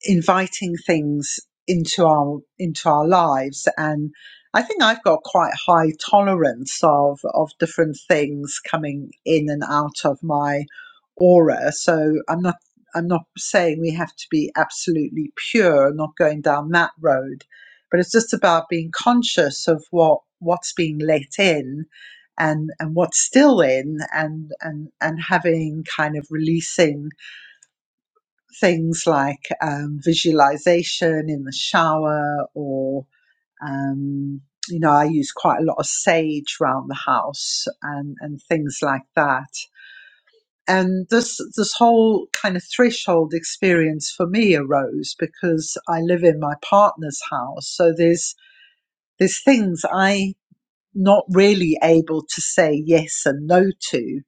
inviting things into our into our lives and I think I've got quite high tolerance of of different things coming in and out of my aura so I'm not I'm not saying we have to be absolutely pure not going down that road but it's just about being conscious of what what's being let in and and what's still in and and and having kind of releasing things like um, visualization in the shower or um, you know i use quite a lot of sage around the house and, and things like that and this this whole kind of threshold experience for me arose because i live in my partner's house so there's there's things i not really able to say yes and no to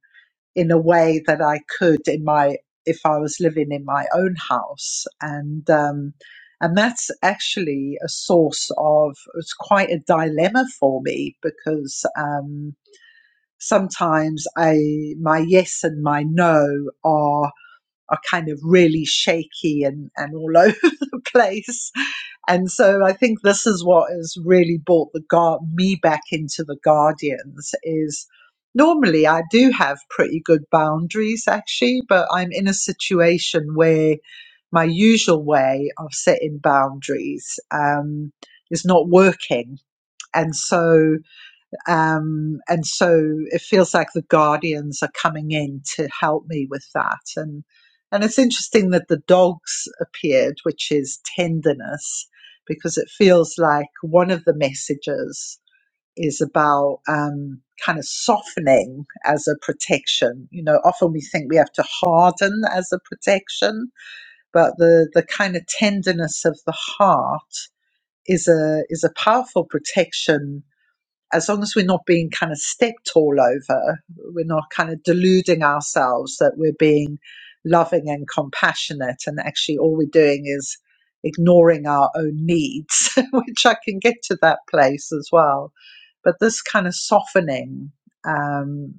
in a way that I could in my if I was living in my own house and um and that's actually a source of it's quite a dilemma for me because um sometimes I my yes and my no are are kind of really shaky and, and all *laughs* over the place. And so I think this is what has really brought the guard me back into the Guardians is normally I do have pretty good boundaries actually, but I'm in a situation where my usual way of setting boundaries um, is not working. And so um, and so it feels like the guardians are coming in to help me with that. And and it's interesting that the dogs appeared, which is tenderness, because it feels like one of the messages is about um, kind of softening as a protection. You know, often we think we have to harden as a protection, but the the kind of tenderness of the heart is a is a powerful protection as long as we're not being kind of stepped all over, we're not kind of deluding ourselves that we're being loving and compassionate, and actually all we're doing is ignoring our own needs, *laughs* which I can get to that place as well. But this kind of softening um,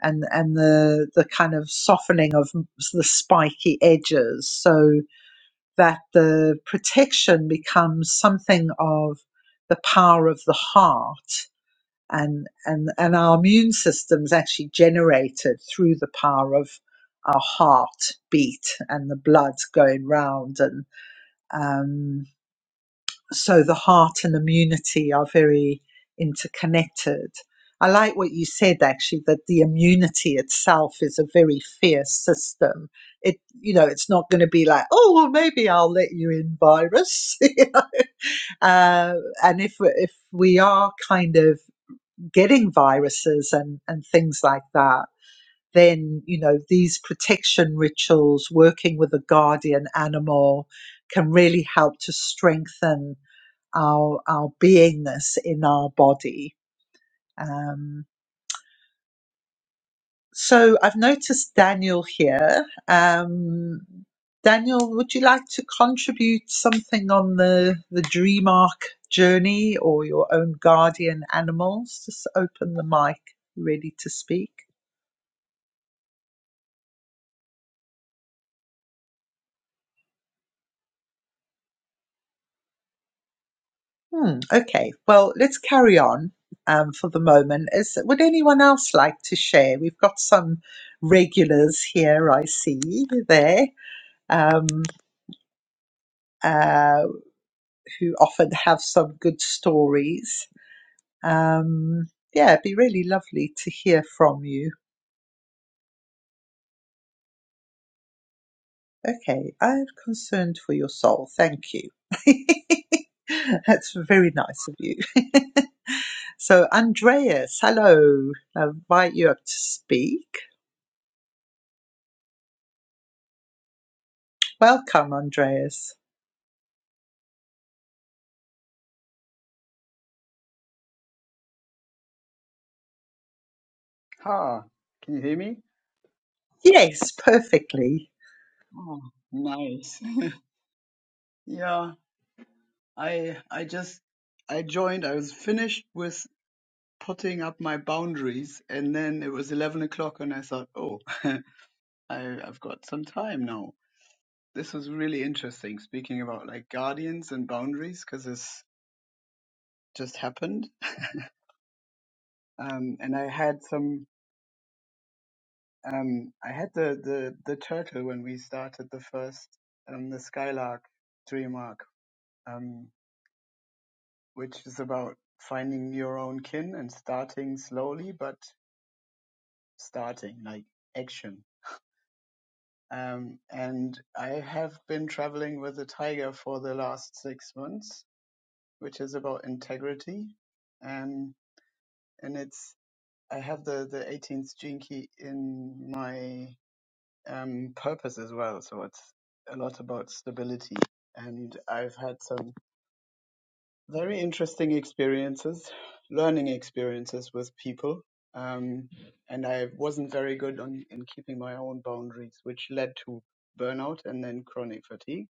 and and the the kind of softening of the spiky edges, so that the protection becomes something of the power of the heart and and and our immune system's actually generated through the power of our heart beat and the blood going round and um, so the heart and immunity are very interconnected i like what you said actually that the immunity itself is a very fierce system it you know it's not going to be like oh well maybe i'll let you in virus *laughs* uh, and if if we are kind of getting viruses and, and things like that, then, you know, these protection rituals, working with a guardian animal can really help to strengthen our, our beingness in our body. Um, so I've noticed Daniel here. Um, Daniel, would you like to contribute something on the, the dream arc journey or your own guardian animals? Just open the mic, ready to speak. Hmm, okay, well, let's carry on um, for the moment. Is, would anyone else like to share? We've got some regulars here, I see, there, um, uh, who often have some good stories. Um, yeah, it'd be really lovely to hear from you. Okay, I'm concerned for your soul. Thank you. *laughs* That's very nice of you. *laughs* so, Andreas, hello. I'll invite you up to speak. Welcome, Andreas.
Ha, can you hear me?
Yes, perfectly.
Oh, nice. *laughs* Yeah, I I just I joined. I was finished with putting up my boundaries, and then it was eleven o'clock, and I thought, oh, *laughs* I I've got some time now. This was really interesting, speaking about like guardians and boundaries, because this just happened. *laughs* Um, and I had some. Um, I had the the the turtle when we started the first um the Skylark dream arc. Um, which is about finding your own kin and starting slowly, but starting like action. Um, and I have been traveling with a tiger for the last six months, which is about integrity. Um, and it's, I have the, the 18th gene key in my um, purpose as well. So it's a lot about stability. And I've had some Very interesting experiences, learning experiences with people. Um, and I wasn't very good on in keeping my own boundaries, which led to burnout and then chronic fatigue.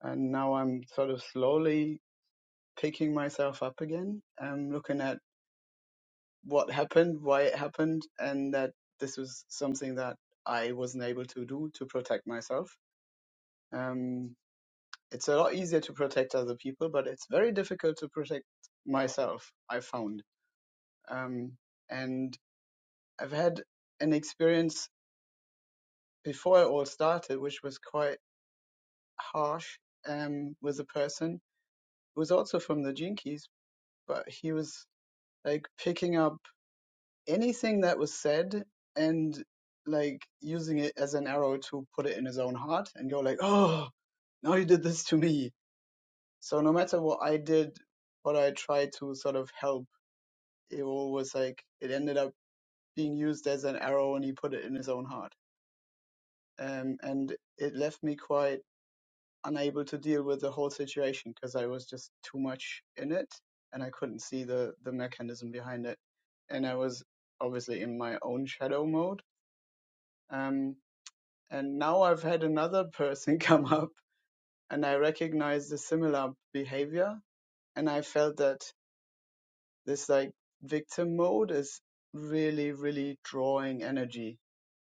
And now I'm sort of slowly picking myself up again. I'm looking at what happened, why it happened, and that this was something that I wasn't able to do to protect myself. Um, it's a lot easier to protect other people, but it's very difficult to protect myself. I found Um, and I've had an experience before it all started, which was quite harsh, um, with a person who was also from the Jinkies, but he was like picking up anything that was said and like using it as an arrow to put it in his own heart and go like, oh, now you did this to me. So no matter what I did, what I tried to sort of help, it all was like, it ended up being used as an arrow and he put it in his own heart um, and it left me quite unable to deal with the whole situation because I was just too much in it and I couldn't see the the mechanism behind it, and I was obviously in my own shadow mode. Um, and now I've had another *laughs* person come up, and I recognized the similar behavior, and I felt that this like victim mode is really really drawing energy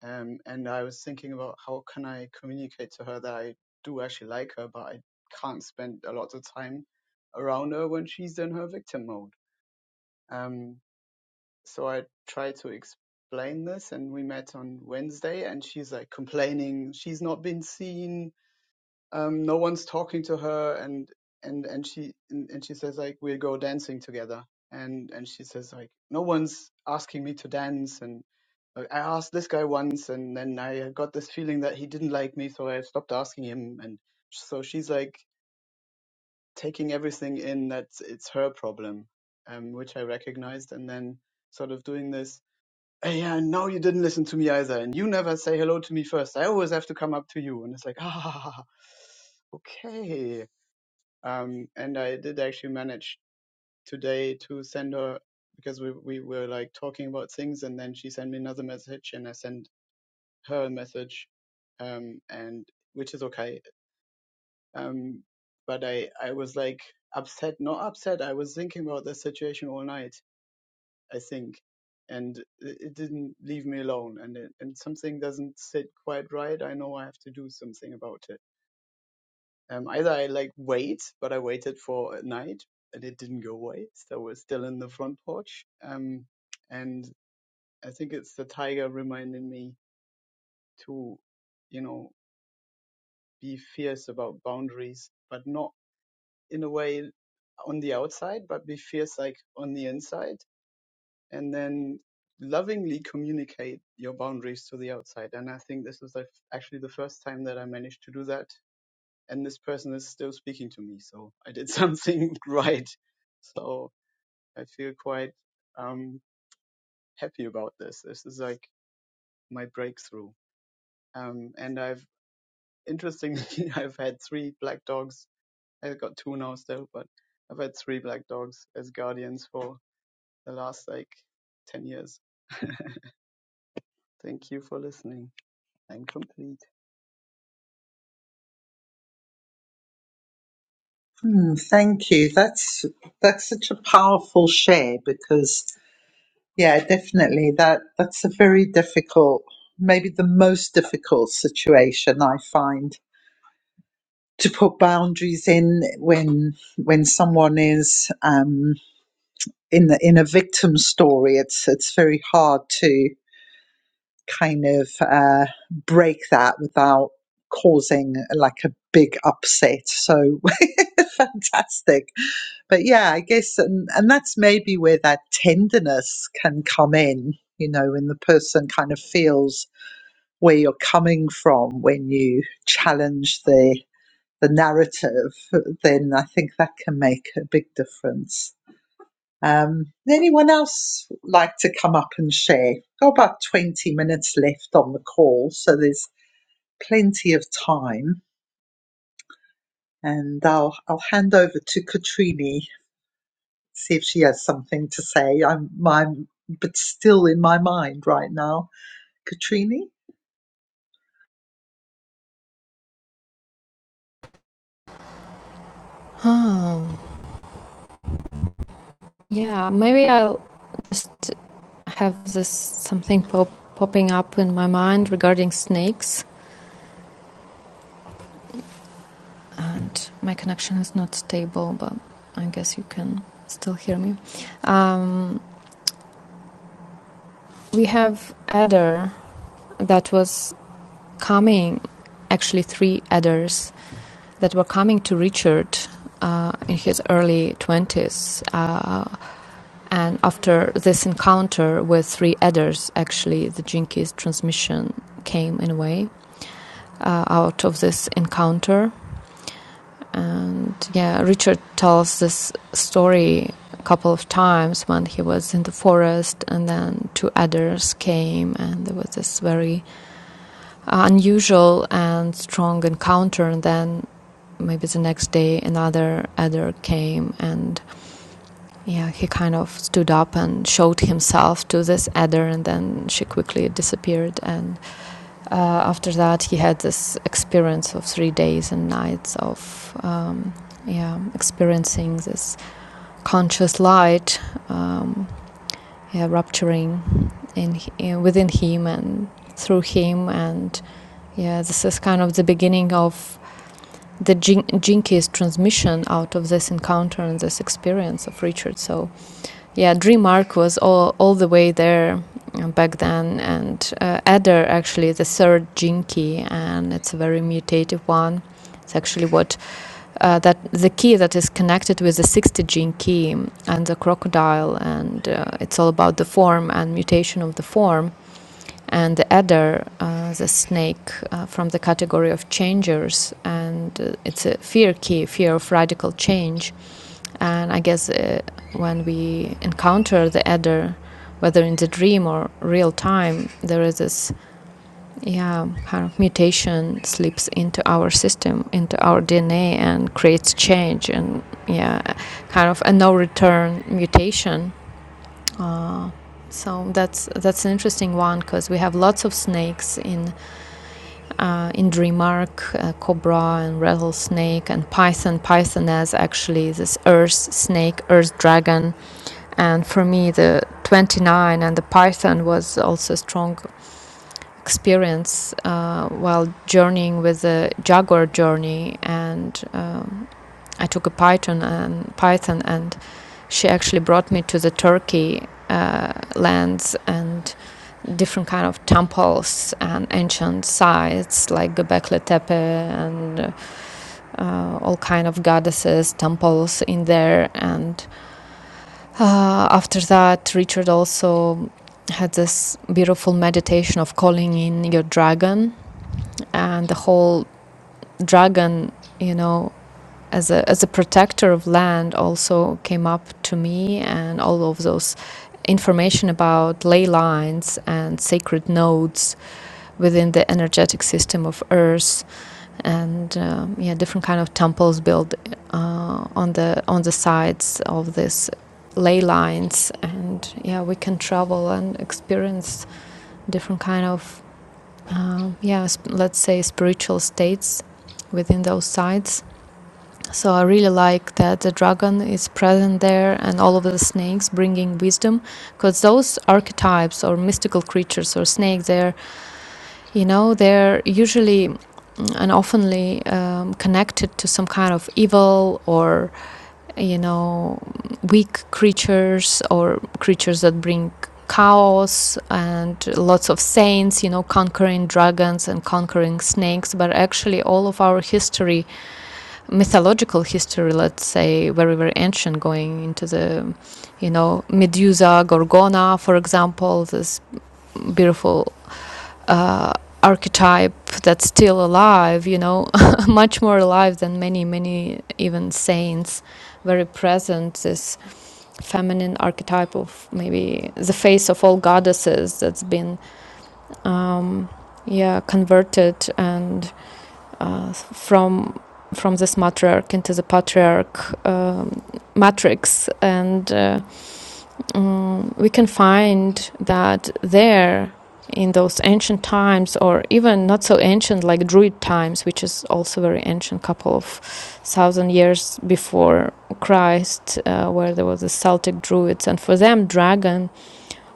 Um, and I was thinking about how can I communicate to her that I do actually like her, but I can't spend a lot of time around her when she's in her victim mode. Um, so I tried to explain this, and we met on Wednesday, and she's like complaining she's not been seen, um, no one's talking to her and and and she and, and she says like we'll go dancing together and and she says like no one's asking me to dance and uh, I asked this guy once and then I got this feeling that he didn't like me so I stopped asking him and so she's like taking everything in that it's her problem um which I recognized and then sort of doing this "Hey, yeah no, you didn't listen to me either and you never say hello to me first I always have to come up to you and it's like *laughs* ah okay um, and I did actually manage today to send her because we we were like talking about things, and then she sent me another message, and I sent her a message, um, and which is okay. Um, but I I was like upset, not upset. I was thinking about the situation all night. I think. And it it didn't leave me alone, and it, and something doesn't sit quite right. I know I have to do something about it Um, either I like wait, but I waited for a night and it didn't go away, so we're still in the front porch. Um, and I think it's the tiger reminding me to, you know, be fierce about boundaries, but not in a way on the outside, but be fierce like on the inside, and then lovingly communicate your boundaries to the outside. And I think this was the, actually the first time that I managed to do that and this person is still speaking to me. So I did something *laughs* right. So I feel quite um, happy about this. This is like my breakthrough. Um, and I've interestingly, *laughs* I've had three black dogs. I've got two now still, but I've had three black dogs as guardians for the last like 10 years. Thank you for listening. I'm complete.
Hmm, thank you. That's that's such a powerful share because yeah, definitely that that's a very difficult, maybe the most difficult situation I find to put boundaries in when when someone is um, in the in a victim story. It's it's very hard to kind of uh, break that without causing like a big upset. So *laughs* fantastic. But yeah, I guess, and, and that's maybe where that tenderness can come in, you know, when the person kind of feels where you're coming from when you challenge the the narrative then i think that can make a big difference um, would anyone else like to come up and share? Got about 20 minutes left on the call, so there's plenty of time. And I'll, I'll hand over to Katrini, see if she has something to say. I'm, my, but still in my mind right now. Katrini?
oh, yeah maybe i'll just. I have this something pop, popping up in my mind regarding snakes, and my connection is not stable, but I guess you can still hear me. Um, we have adder that was coming, actually three adders that were coming to Richard uh, in his early twenties, uh, and after this encounter with three adders, actually the Jinkies transmission came in a way uh, out of this encounter And yeah, Richard tells this story a couple of times when he was in the forest, and then two others came, and there was this very unusual and strong encounter. And then maybe the next day, another other came, and yeah, he kind of stood up and showed himself to this adder, and then she quickly disappeared. And uh, after that, he had this experience of three days and nights of um, yeah, experiencing this conscious light, um, yeah, rupturing in, in within him and through him, and yeah, this is kind of the beginning of the Jin- Jinkies transmission out of this encounter and this experience of Richard. So yeah, DreamArc was all, all the way there uh, back then, and uh, Adder actually the third Jinki, and it's a very mutative one. It's actually what uh, that the key that is connected with the 60 gene key and the crocodile, and uh, it's all about the form and mutation of the form. And the adder, uh, the snake uh, from the category of changers, and uh, it's a fear key, fear of radical change and I guess uh, when we encounter the adder, whether in the dream or real time, there is this yeah kind of mutation slips into our system, into our DNA, and creates change and yeah kind of a no return mutation. So that's that's an interesting one because we have lots of snakes in uh, in Dreamark, uh, cobra and rattlesnake and python. Python as actually this earth snake, earth dragon, And for me, the 29 and the Python was also a strong experience uh, while journeying with the Jaguar journey. And um, I took a Python and Python, and she actually brought me to the Turkey uh, lands and different kind of temples and ancient sites like Göbekli Tepe and uh, all kind of goddesses temples in there and Uh, after that, Richard also had this beautiful meditation of calling in your dragon and the whole dragon, you know, as a as a protector of land also came up to me and all of those information about ley lines and sacred nodes within the energetic system of earth and um, yeah, different kind of temples built uh, on the on the sides of these ley lines, and yeah, we can travel and experience different kind of uh, yeah, sp- let's say spiritual states within those sites. So I really like that the dragon is present there and all of the snakes bringing wisdom because those archetypes or mystical creatures or snakes, they're you know, they're usually mm, and oftenly um, connected to some kind of evil or, you know, weak creatures or creatures that bring chaos and lots of saints, you know, conquering dragons and conquering snakes. But actually, all of our history, mythological history, let's say, very, very ancient, going into the, you know, Medusa, Gorgona, for example, this beautiful uh, archetype that's still alive, you know, *laughs* much more alive than many, many even saints, very present, this feminine archetype of maybe the face of all goddesses that's been, um, yeah, converted and uh, from from this matriarch into the patriarch um, matrix and uh, um, we can find that there in those ancient times or even not so ancient like druid times which is also very ancient couple of thousand years before christ uh, where there was the celtic druids and for them dragon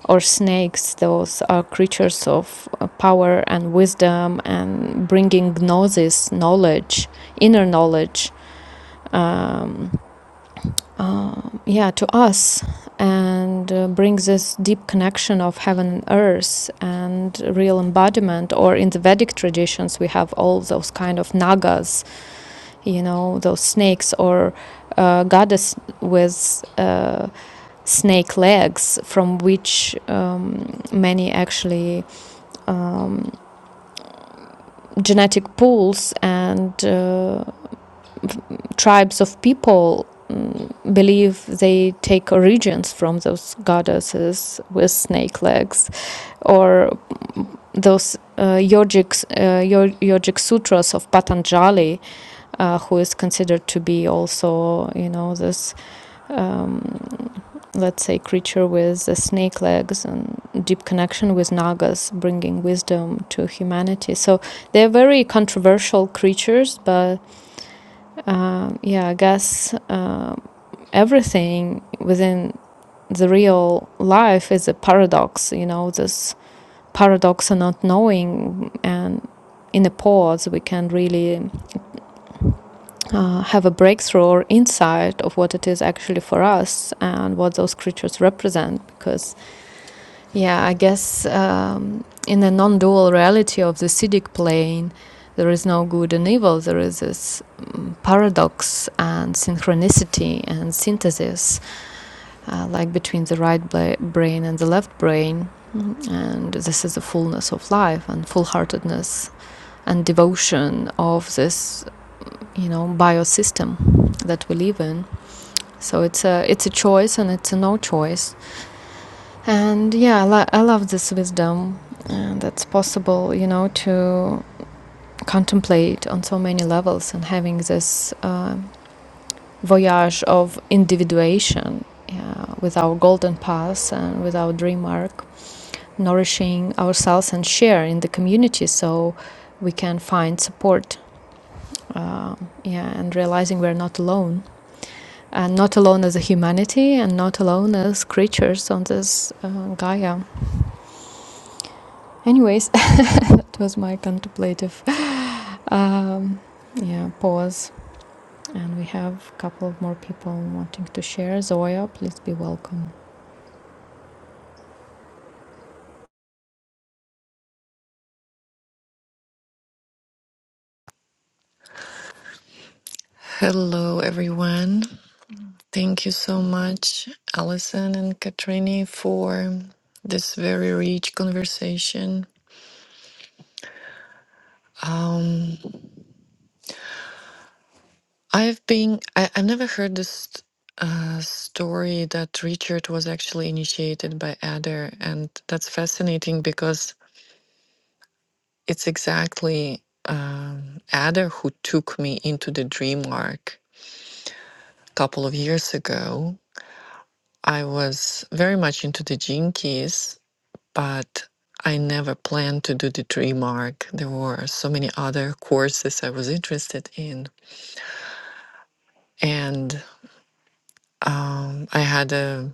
or snakes those are creatures of uh, power and wisdom and bringing gnosis knowledge inner knowledge um, um, yeah to us and uh, brings this deep connection of heaven and earth and real embodiment or in the vedic traditions we have all those kind of nagas you know those snakes or uh, goddess with uh, snake legs from which um, many actually um, genetic pools and uh, tribes of people mm, believe they take origins from those goddesses with snake legs or those uh, yogic, uh, yogic sutras of Patanjali, uh, who is considered to be also, you know, this, um, let's say, creature with the snake legs and deep connection with Nagas, bringing wisdom to humanity. So they're very controversial creatures, but um yeah, I guess uh, everything within the real life is a paradox, you know, this paradox of not knowing. And in a pause, we can really uh, have a breakthrough or insight of what it is actually for us and what those creatures represent. Because, yeah, I guess um, in the non dual reality of the Siddhic plane, there is no good and evil. There is this mm, paradox and synchronicity and synthesis uh, like between the right bla- brain and the left brain. And this is the fullness of life and full heartedness and devotion of this, you know, biosystem that we live in. So it's a it's a choice and it's a no choice. And yeah, I, lo- I love this wisdom and that's possible, you know, to contemplate on so many levels and having this uh, voyage of individuation uh, with our golden path and with our dream arc nourishing ourselves and share in the community so we can find support uh, yeah, and realizing we're not alone and not alone as a humanity and not alone as creatures on this uh, Gaia. Anyways, *laughs* it was my contemplative um, yeah, pause. And we have a couple of more people wanting to share. Zoya, please be welcome.
Hello, everyone. Thank you so much, Alison and Katrini, for this very rich conversation. Um, I've been, I, I've never heard this uh, story that Richard was actually initiated by Adder, and that's fascinating because it's exactly um, Adder who took me into the dream arc a couple of years ago. I was very much into the Jinkies but I never planned to do the tree mark. There were so many other courses I was interested in. And um, I had a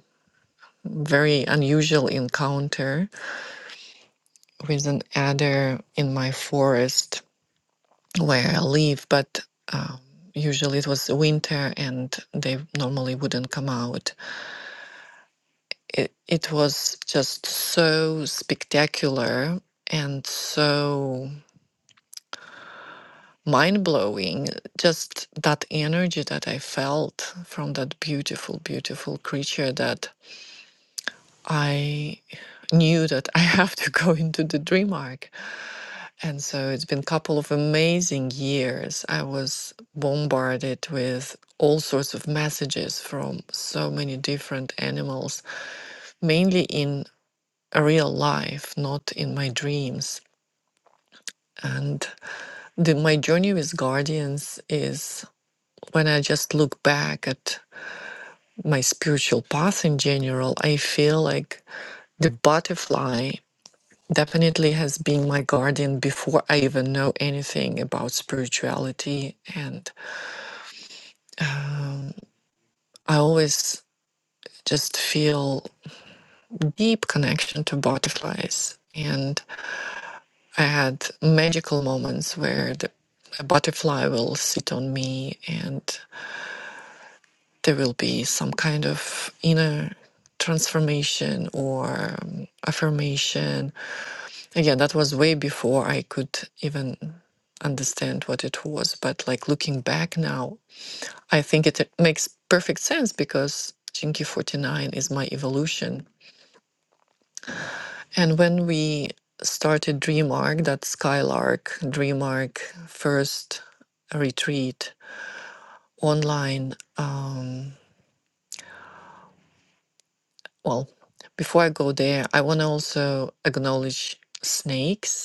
very unusual encounter with an adder in my forest where I live, but um, usually it was winter and they normally wouldn't come out. It, it was just so spectacular and so mind blowing. Just that energy that I felt from that beautiful, beautiful creature that I knew that I *laughs* have to go into the dream arc. And so it's been a couple of amazing years. I was bombarded with all sorts of messages from so many different animals, mainly in real life, not in my dreams. And the, my journey with guardians is when I just look back at my spiritual path in general, I feel like the butterfly definitely has been my guardian before I even know anything about spirituality. And I always just feel deep connection to butterflies. And I had magical moments where the, a butterfly will sit on me and there will be some kind of inner transformation or um, affirmation Yeah, that was way before I could even understand what it was. But like looking back now, I think it makes perfect sense because Chinky 49 is my evolution. And when we started DreamArc, that Skylark, DreamArc first retreat online, um, well, before I go there, I want to also acknowledge snakes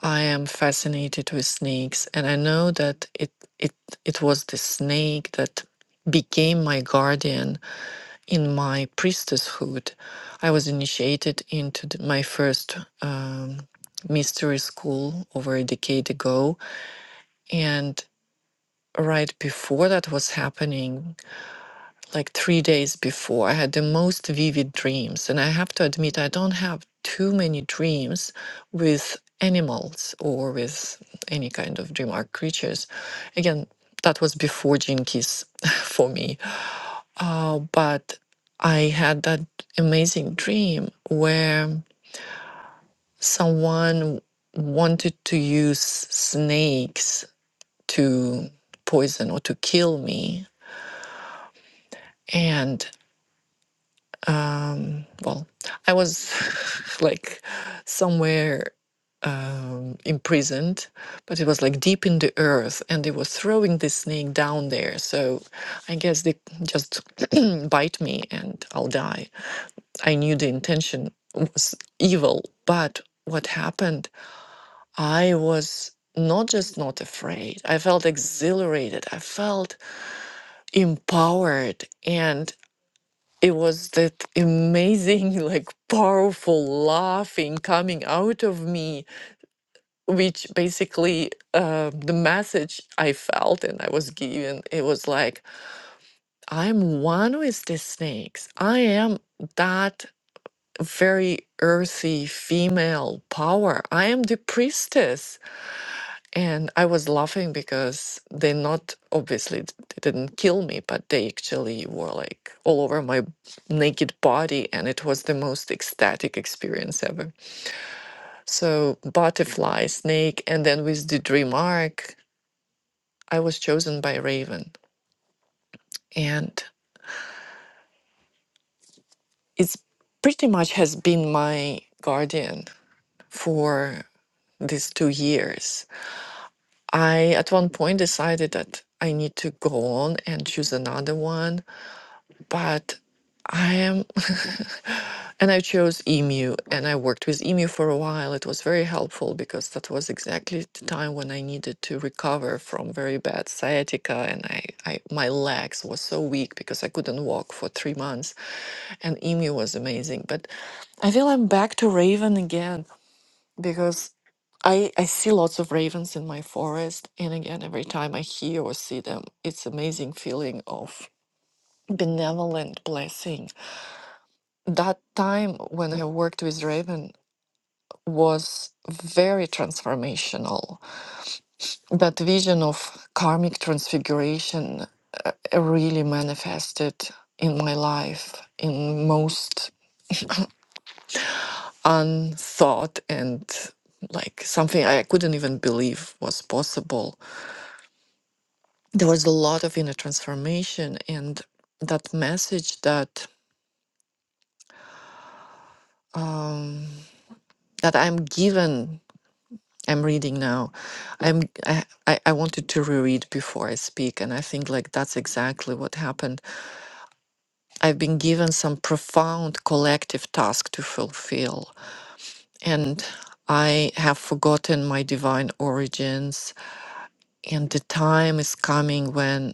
I am fascinated with snakes, and I know that it it it was the snake that became my guardian in my priestesshood. I was initiated into the, my first um, mystery school over a decade ago, and right before that was happening, like three days before. I had the most vivid dreams. And I have to admit, I don't have too many dreams with animals or with any kind of dream or creatures. Again, that was before Jinkies *laughs* for me. Uh, but I had that amazing dream where someone wanted to use snakes to poison or to kill me. and. um well i was *laughs* like somewhere um imprisoned but it was like deep in the earth and they were throwing this snake down there so i guess they just *clears throat* bite me and i'll die i knew the intention was evil but what happened i was not just not afraid i felt exhilarated i felt empowered and it was that amazing, *laughs* like powerful laughing coming out of me, which basically uh, the message I felt and I was given, it was like, I'm one with the snakes. I am that very earthy female power. I am the priestess. And I was laughing because they not obviously d- they didn't kill me, but they actually were like all over my naked body, and it was the most ecstatic experience ever. So butterfly, snake, and then with the dream arc, I was chosen by Raven, and it's pretty much has been my guardian for these two years. I at one point decided that I need to go on and choose another one but I am, *laughs* and I chose Emu, and I worked with Emu for a while. It was very helpful because that was exactly the time when I needed to recover from very bad sciatica, and I, I my legs were so weak because I couldn't walk for three months, and Emu was amazing. But I feel I'm back to Raven again because. I, I see lots of ravens in my forest, and again, every time I hear or see them, it's amazing feeling of benevolent blessing that time when I worked with Raven was very transformational. That vision of karmic transfiguration uh, really manifested in my life in most unthought and like something I couldn't even believe was possible. There was a lot of inner transformation and that message that um, that I'm given I'm reading now. I'm I, I I wanted to reread before I speak, and I think like that's exactly what happened. I've been given some profound collective task to fulfill, and I have forgotten my divine origins, and the time is coming when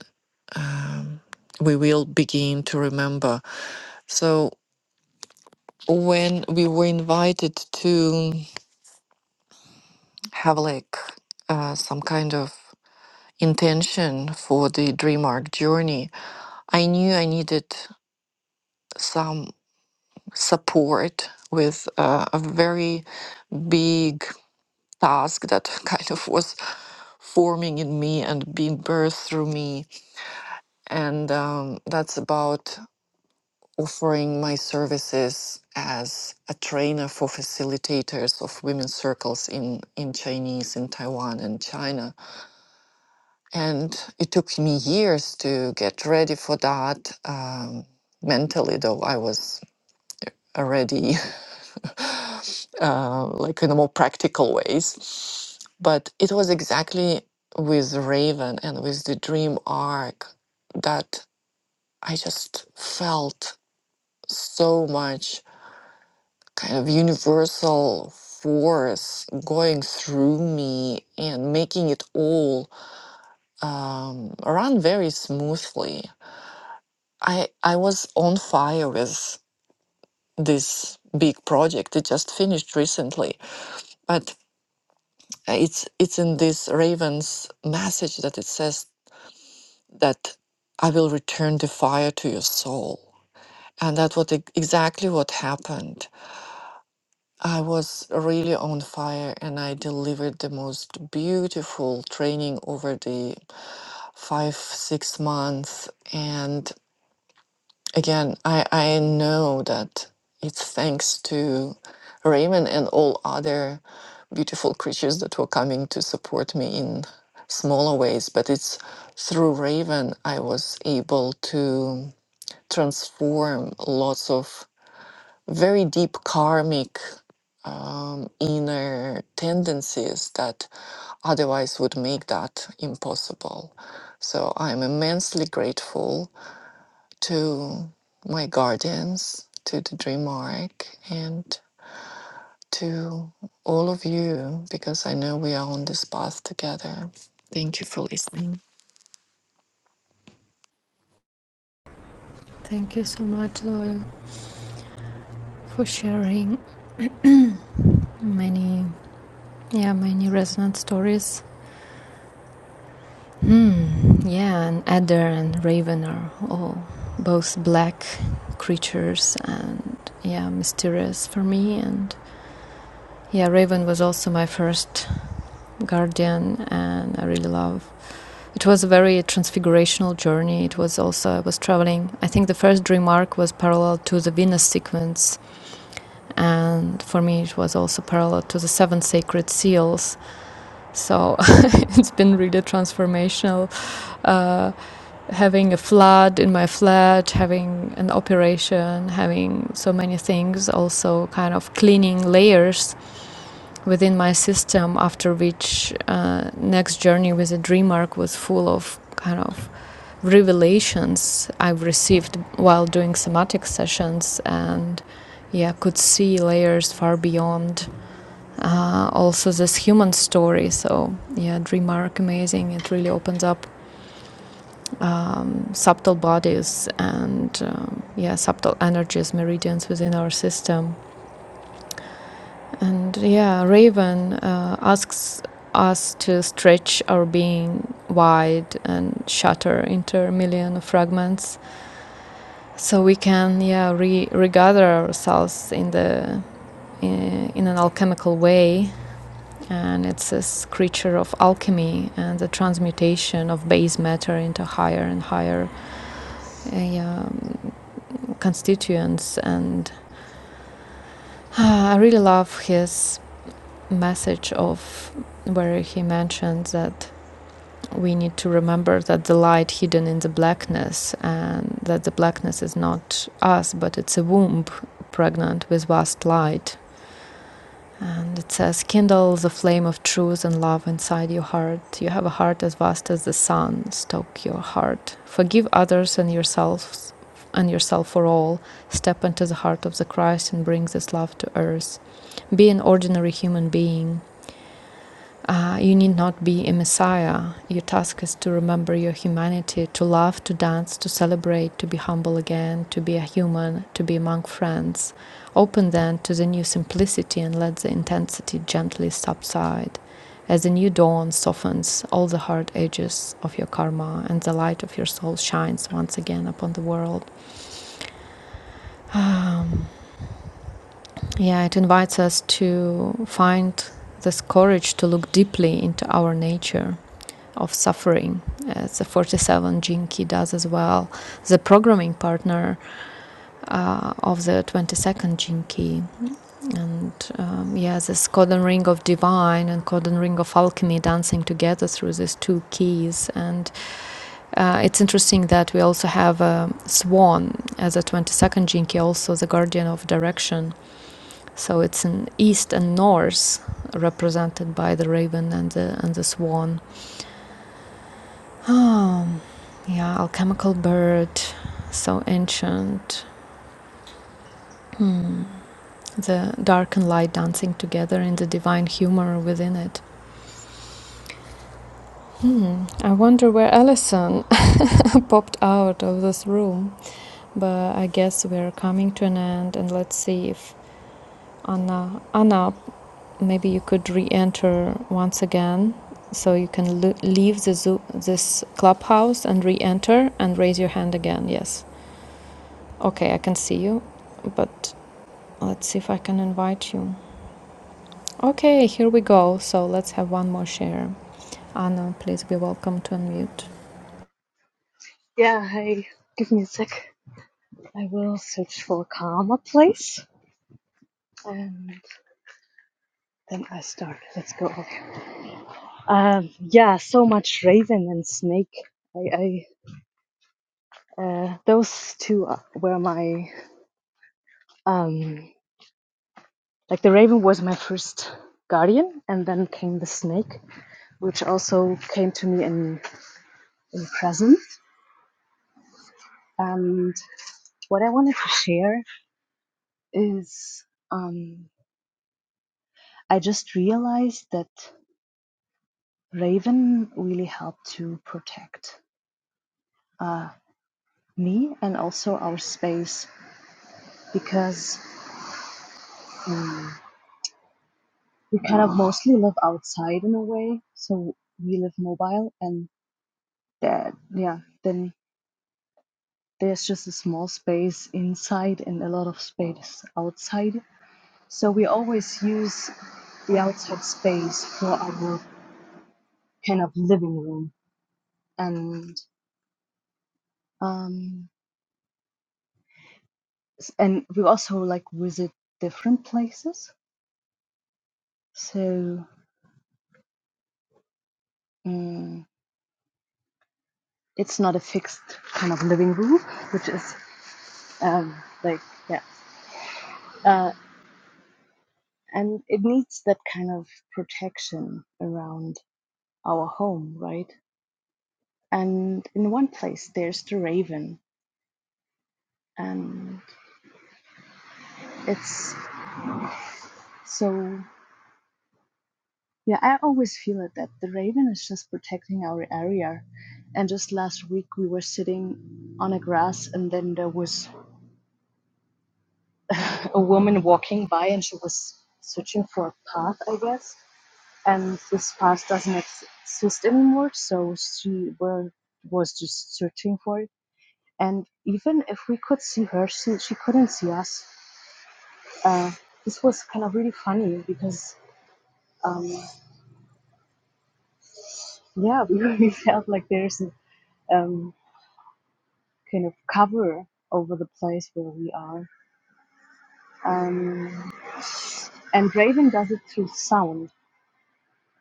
we will begin to remember. So when we were invited to have like uh, some kind of intention for the Dream Arc journey I knew I needed some support with uh, a very big task that *laughs* kind of was forming in me and being birthed through me. And um, that's about offering my services as a trainer for facilitators of women's circles in, in Chinese, in Taiwan and China. And it took me years to get ready for that. Um, mentally, though, I was already. *laughs* uh, like in a more practical ways. But it was exactly with Raven and with the Dream Arc that I just felt so much kind of universal force going through me and making it all um, run very smoothly. I I was on fire with this big project. It just finished recently, but. Uh, It's it's in this raven's message that it says that I will return the fire to your soul, and that what ex- exactly what happened. I was really on fire, and I delivered the most beautiful training over the five six months. And again, I I know that it's thanks to Raymond and all other beautiful creatures that were coming to support me in smaller ways, but it's through Raven I was able to transform lots of very deep karmic um, inner tendencies that otherwise would make that impossible. So I'm immensely grateful to my guardians, to the Dream Arc, and to all of you because I know we are on this path together. Thank you for listening.
Thank you so much, Zoya, for sharing many, yeah, many resonant stories Hmm, yeah, an adder and raven are all both black creatures and yeah, mysterious for me. And yeah, raven was also my first guardian, and I really love. It was a very transfigurational journey. It was also I was traveling. I think the first dream arc was parallel to the Venus sequence, and for me it was also parallel to the seven sacred seals. So *laughs* it's been really transformational. Uh, having a flood in my flat, having an operation, having so many things, also kind of cleaning layers within my system. After which, uh, next journey with the dream arc was full of kind of revelations I've received while doing somatic sessions and yeah could see layers far beyond uh, also this human story so yeah dream arc amazing it really opens up um, subtle bodies and um, yeah subtle energies meridians within our system and yeah raven uh, asks us to stretch our being wide and shatter into a million fragments so we can yeah re- regather ourselves in the in, in an alchemical way and it's this creature of alchemy and the transmutation of base matter into higher and higher uh, yeah, constituents. And uh, I really love his message of where he mentioned that we need to remember that the light hidden in the blackness and that the blackness is not us but it's a womb pregnant with vast light And it says, Kindle the flame of truth and love inside your heart. You have a heart as vast as the sun. Stoke your heart. Forgive others and yourselves and yourself for all. Step into the heart of the Christ and bring this love to earth. Be an ordinary human being. Uh, you need not be a messiah. Your task is to remember your humanity, to love, to dance, to celebrate, to be humble again, to be a human, to be among friends. Open then to the new simplicity and let the intensity gently subside. As the new dawn softens all the hard edges of your karma and the light of your soul shines once again upon the world. Um, yeah, it invites us to find this courage to look deeply into our nature of suffering. Uh, the 47 Jinki does as well. The programming partner uh, of the 22nd Jinki. And um, yeah, this cordon ring of divine and cordon ring of alchemy dancing together through these two keys. And uh, it's interesting that we also have a swan as a 22nd Jinki, also the guardian of direction. So it's an east and north represented by the raven and the, and the swan Oh, yeah, alchemical bird, so ancient. Hmm. The dark and light dancing together in the divine humor within it. Hmm. I wonder where Allison *laughs* popped out of this room, but I guess we're coming to an end, and let's see if Anna, Anna, maybe you could re-enter once again, so you can l- leave the zoo, this clubhouse, and re-enter and raise your hand again. Yes. Okay, I can see you, but Let's see if I can invite you. Okay, here we go. So let's have one more share. Anna, please be welcome to unmute.
Yeah, hey, give me a sec. I will search for a calmer place and then I start. Let's go. Okay. Um, yeah, so much Raven and Snake. I, I uh, those two are- were my um, like the Raven was my first guardian, and then came the Snake, which also came to me in in present. And what I wanted to share is um, I just realized that. Raven really helped to protect uh, me and also our space because um, we kind of mostly live outside in a way, so we live mobile and that yeah then there's just a small space inside and a lot of space outside. So we always use the outside space for our kind of living room and um, and we also like visit different places. So Mm, it's not a fixed kind of living room, which is um, like yeah, uh, and it needs that kind of protection around our home, right? And in one place, there's the raven, and it's so yeah. I always feel it that the raven is just protecting our area. And just last week, we were sitting on a grass, and then there was a woman walking by, and she was searching for a path, I guess and this past doesn't exist anymore so she were, was just searching for it and even if we could see her she, she couldn't see us uh, this was kind of really funny because um, yeah *laughs* we really felt like there's a um, kind of cover over the place where we are um, and raven does it through sound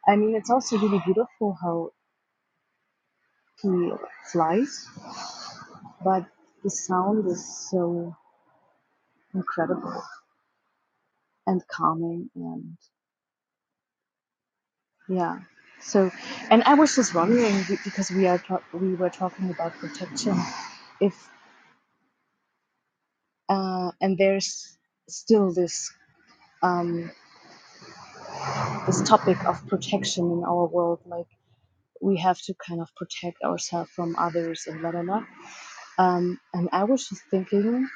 i mean it's also really beautiful how he flies but the sound is so incredible and calming and yeah so and i was just wondering be- because we are ta- we were talking about protection if uh, and there's still this um, this topic of protection in our world like we have to kind of protect ourselves from others and blah blah blah um, and i was just thinking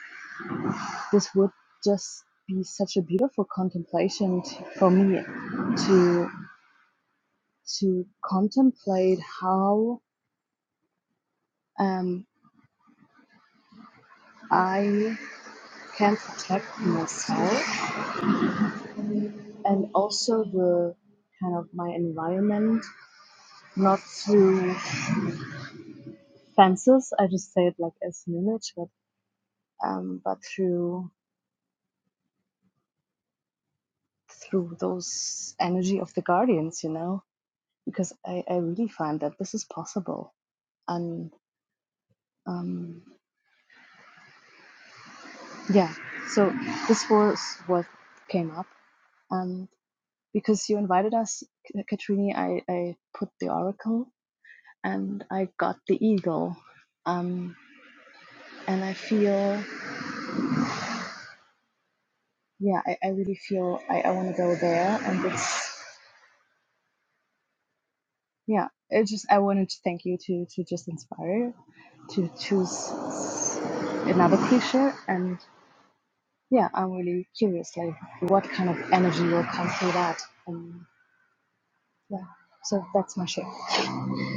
this would just be such a beautiful contemplation t- for me to to contemplate how um, I can protect myself and also the kind of my environment, not through fences. I just say it like as an image, but um, but through through those energy of the guardians, you know, because I, I really find that this is possible and um, yeah. So this was what came up and because you invited us, Katrini, I, I put the oracle and I got the eagle. Um, and I feel yeah, I, I really feel I, I wanna go there and it's yeah, it just I wanted to thank you to to just inspire to choose another creature and yeah, I'm really curious like what kind of energy will come through that. and yeah. So that's my share.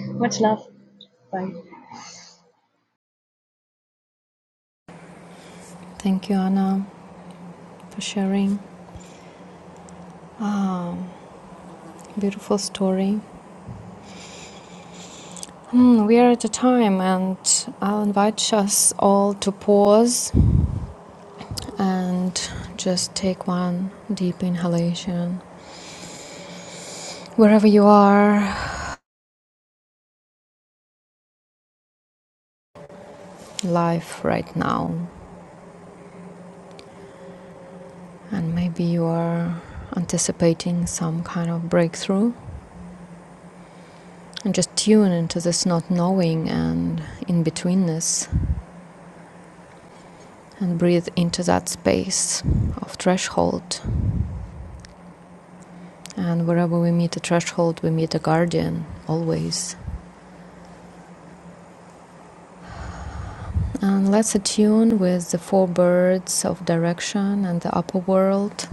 Much love. Bye.
Thank you, Anna, for sharing. Beautiful story. Hmm, we are at a time, and I'll invite us all to pause and just take one deep inhalation. Wherever you are, life right now, and maybe you are anticipating some kind of breakthrough and just tune into this not knowing and in betweenness and breathe into that space of threshold and wherever we meet a threshold we meet a guardian always and let's attune with the four birds of direction and the upper world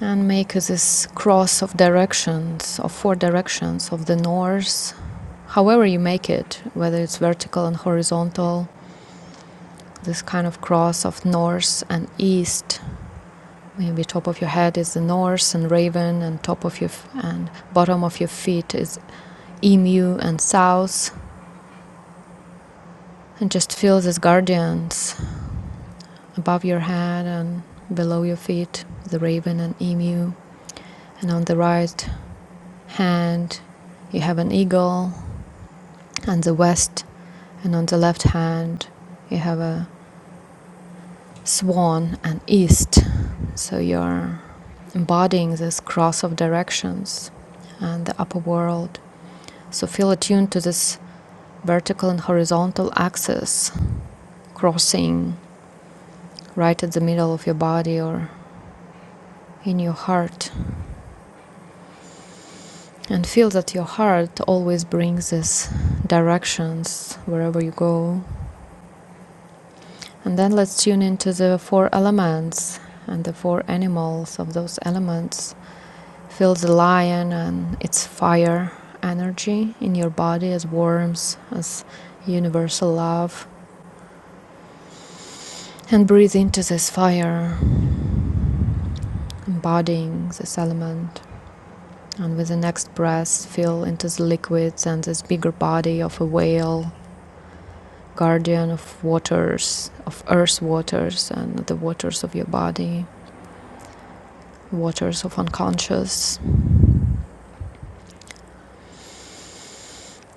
and make this cross of directions of four directions of the north however you make it whether it's vertical and horizontal this kind of cross of north and east Maybe top of your head is the north and raven, and top of your f- and bottom of your feet is emu and south. And just feel these guardians above your head and below your feet, the raven and emu. And on the right hand, you have an eagle and the west. And on the left hand, you have a swan and east. So you're embodying this cross of directions and the upper world. So feel attuned to this vertical and horizontal axis crossing right at the middle of your body or in your heart and feel that your heart always brings these directions wherever you go and then let's tune into the four elements and the four animals of those elements feel the lion and its fire energy in your body as warmth as universal love and breathe into this fire embodying this element And with the next breath, feel into the liquids and this bigger body of a whale, guardian of waters, of earth's waters, and the waters of your body, waters of unconscious.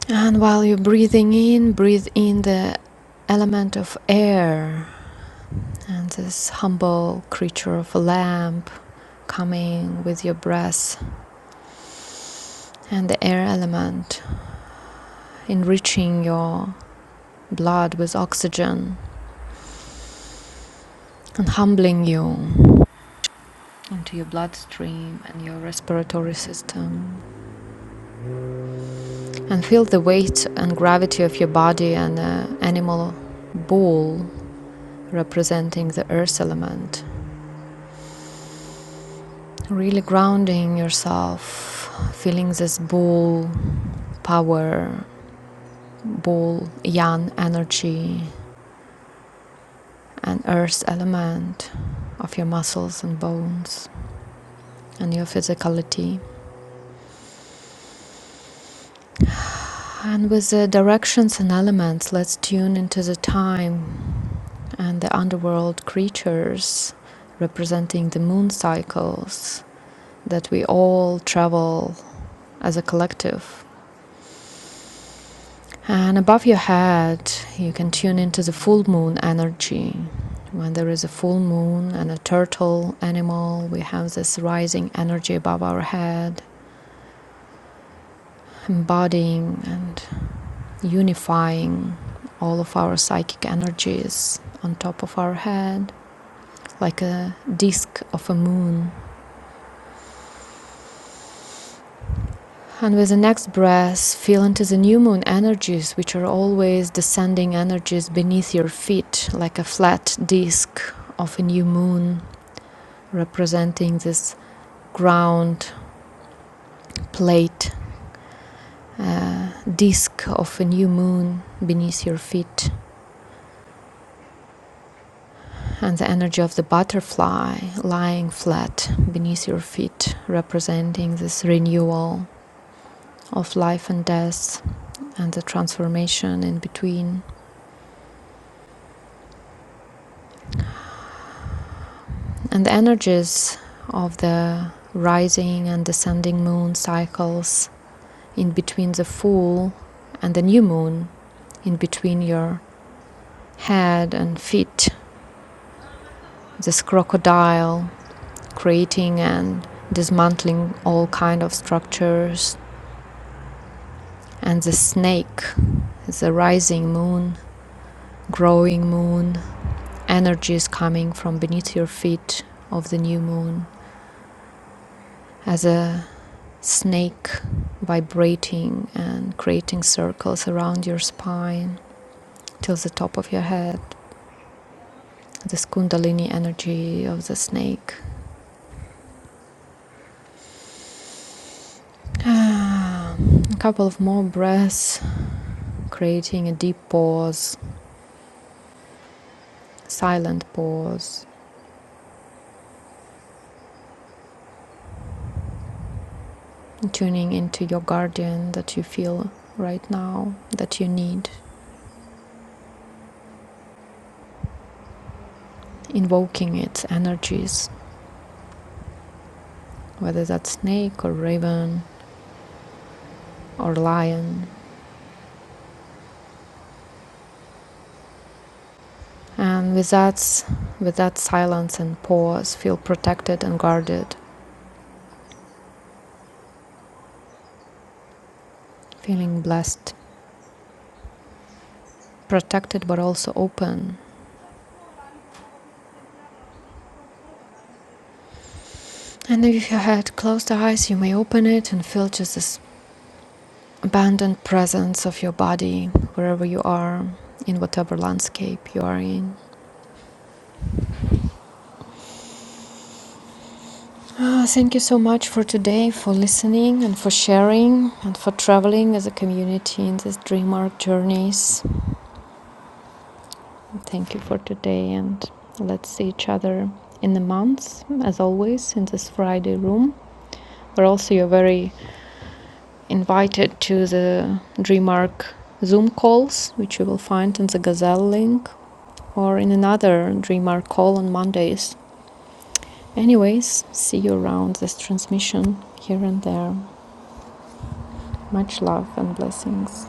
And while you're breathing in, breathe in the element of air and this humble creature of a lamp coming with your breath and the air element enriching your blood with oxygen and humbling you into your bloodstream and your respiratory system and feel the weight and gravity of your body and the animal ball representing the earth element really grounding yourself feeling this ball power ball yang energy and earth element of your muscles and bones and your physicality And with the directions and elements, let's tune into the time and the underworld creatures representing the moon cycles that we all travel as a collective. And above your head, you can tune into the full moon energy. When there is a full moon and a turtle animal, we have this rising energy above our head, embodying and. unifying all of our psychic energies on top of our head, like a disk of a moon. And with the next breath, feel into the new moon energies, which are always descending energies beneath your feet, like a flat disk of a new moon, representing this ground plate, uh, disk of a new moon beneath your feet. and the energy of the butterfly lying flat beneath your feet, representing this renewal of life and death and the transformation in between, and the energies of the rising and descending moon cycles in between the full and the new moon, in between your head and feet, this crocodile creating and dismantling all kind of structures and the snake the rising moon, growing moon, energies coming from beneath your feet of the new moon as a snake vibrating and creating circles around your spine till the top of your head. This kundalini energy of the snake. Ah, a couple of more breaths, creating a deep pause, silent pause, tuning into your guardian that you feel right now that you need. invoking its energies, whether that's snake or raven or lion. And with that, with that silence and pause, feel protected and guarded, feeling blessed, protected but also open. And if you had closed the eyes, you may open it and feel just this abandoned presence of your body wherever you are, in whatever landscape you are in. Ah, Thank you so much for today, for listening and for sharing and for traveling as a community in these dream arc journeys. Thank you for today and let's see each other in the month, as always, in this Friday room, where also you're very invited to the dream arc Zoom calls, which you will find in the Gazelle link or in another dream arc call on Mondays. Anyways, see you around this transmission here and there. Much love and blessings.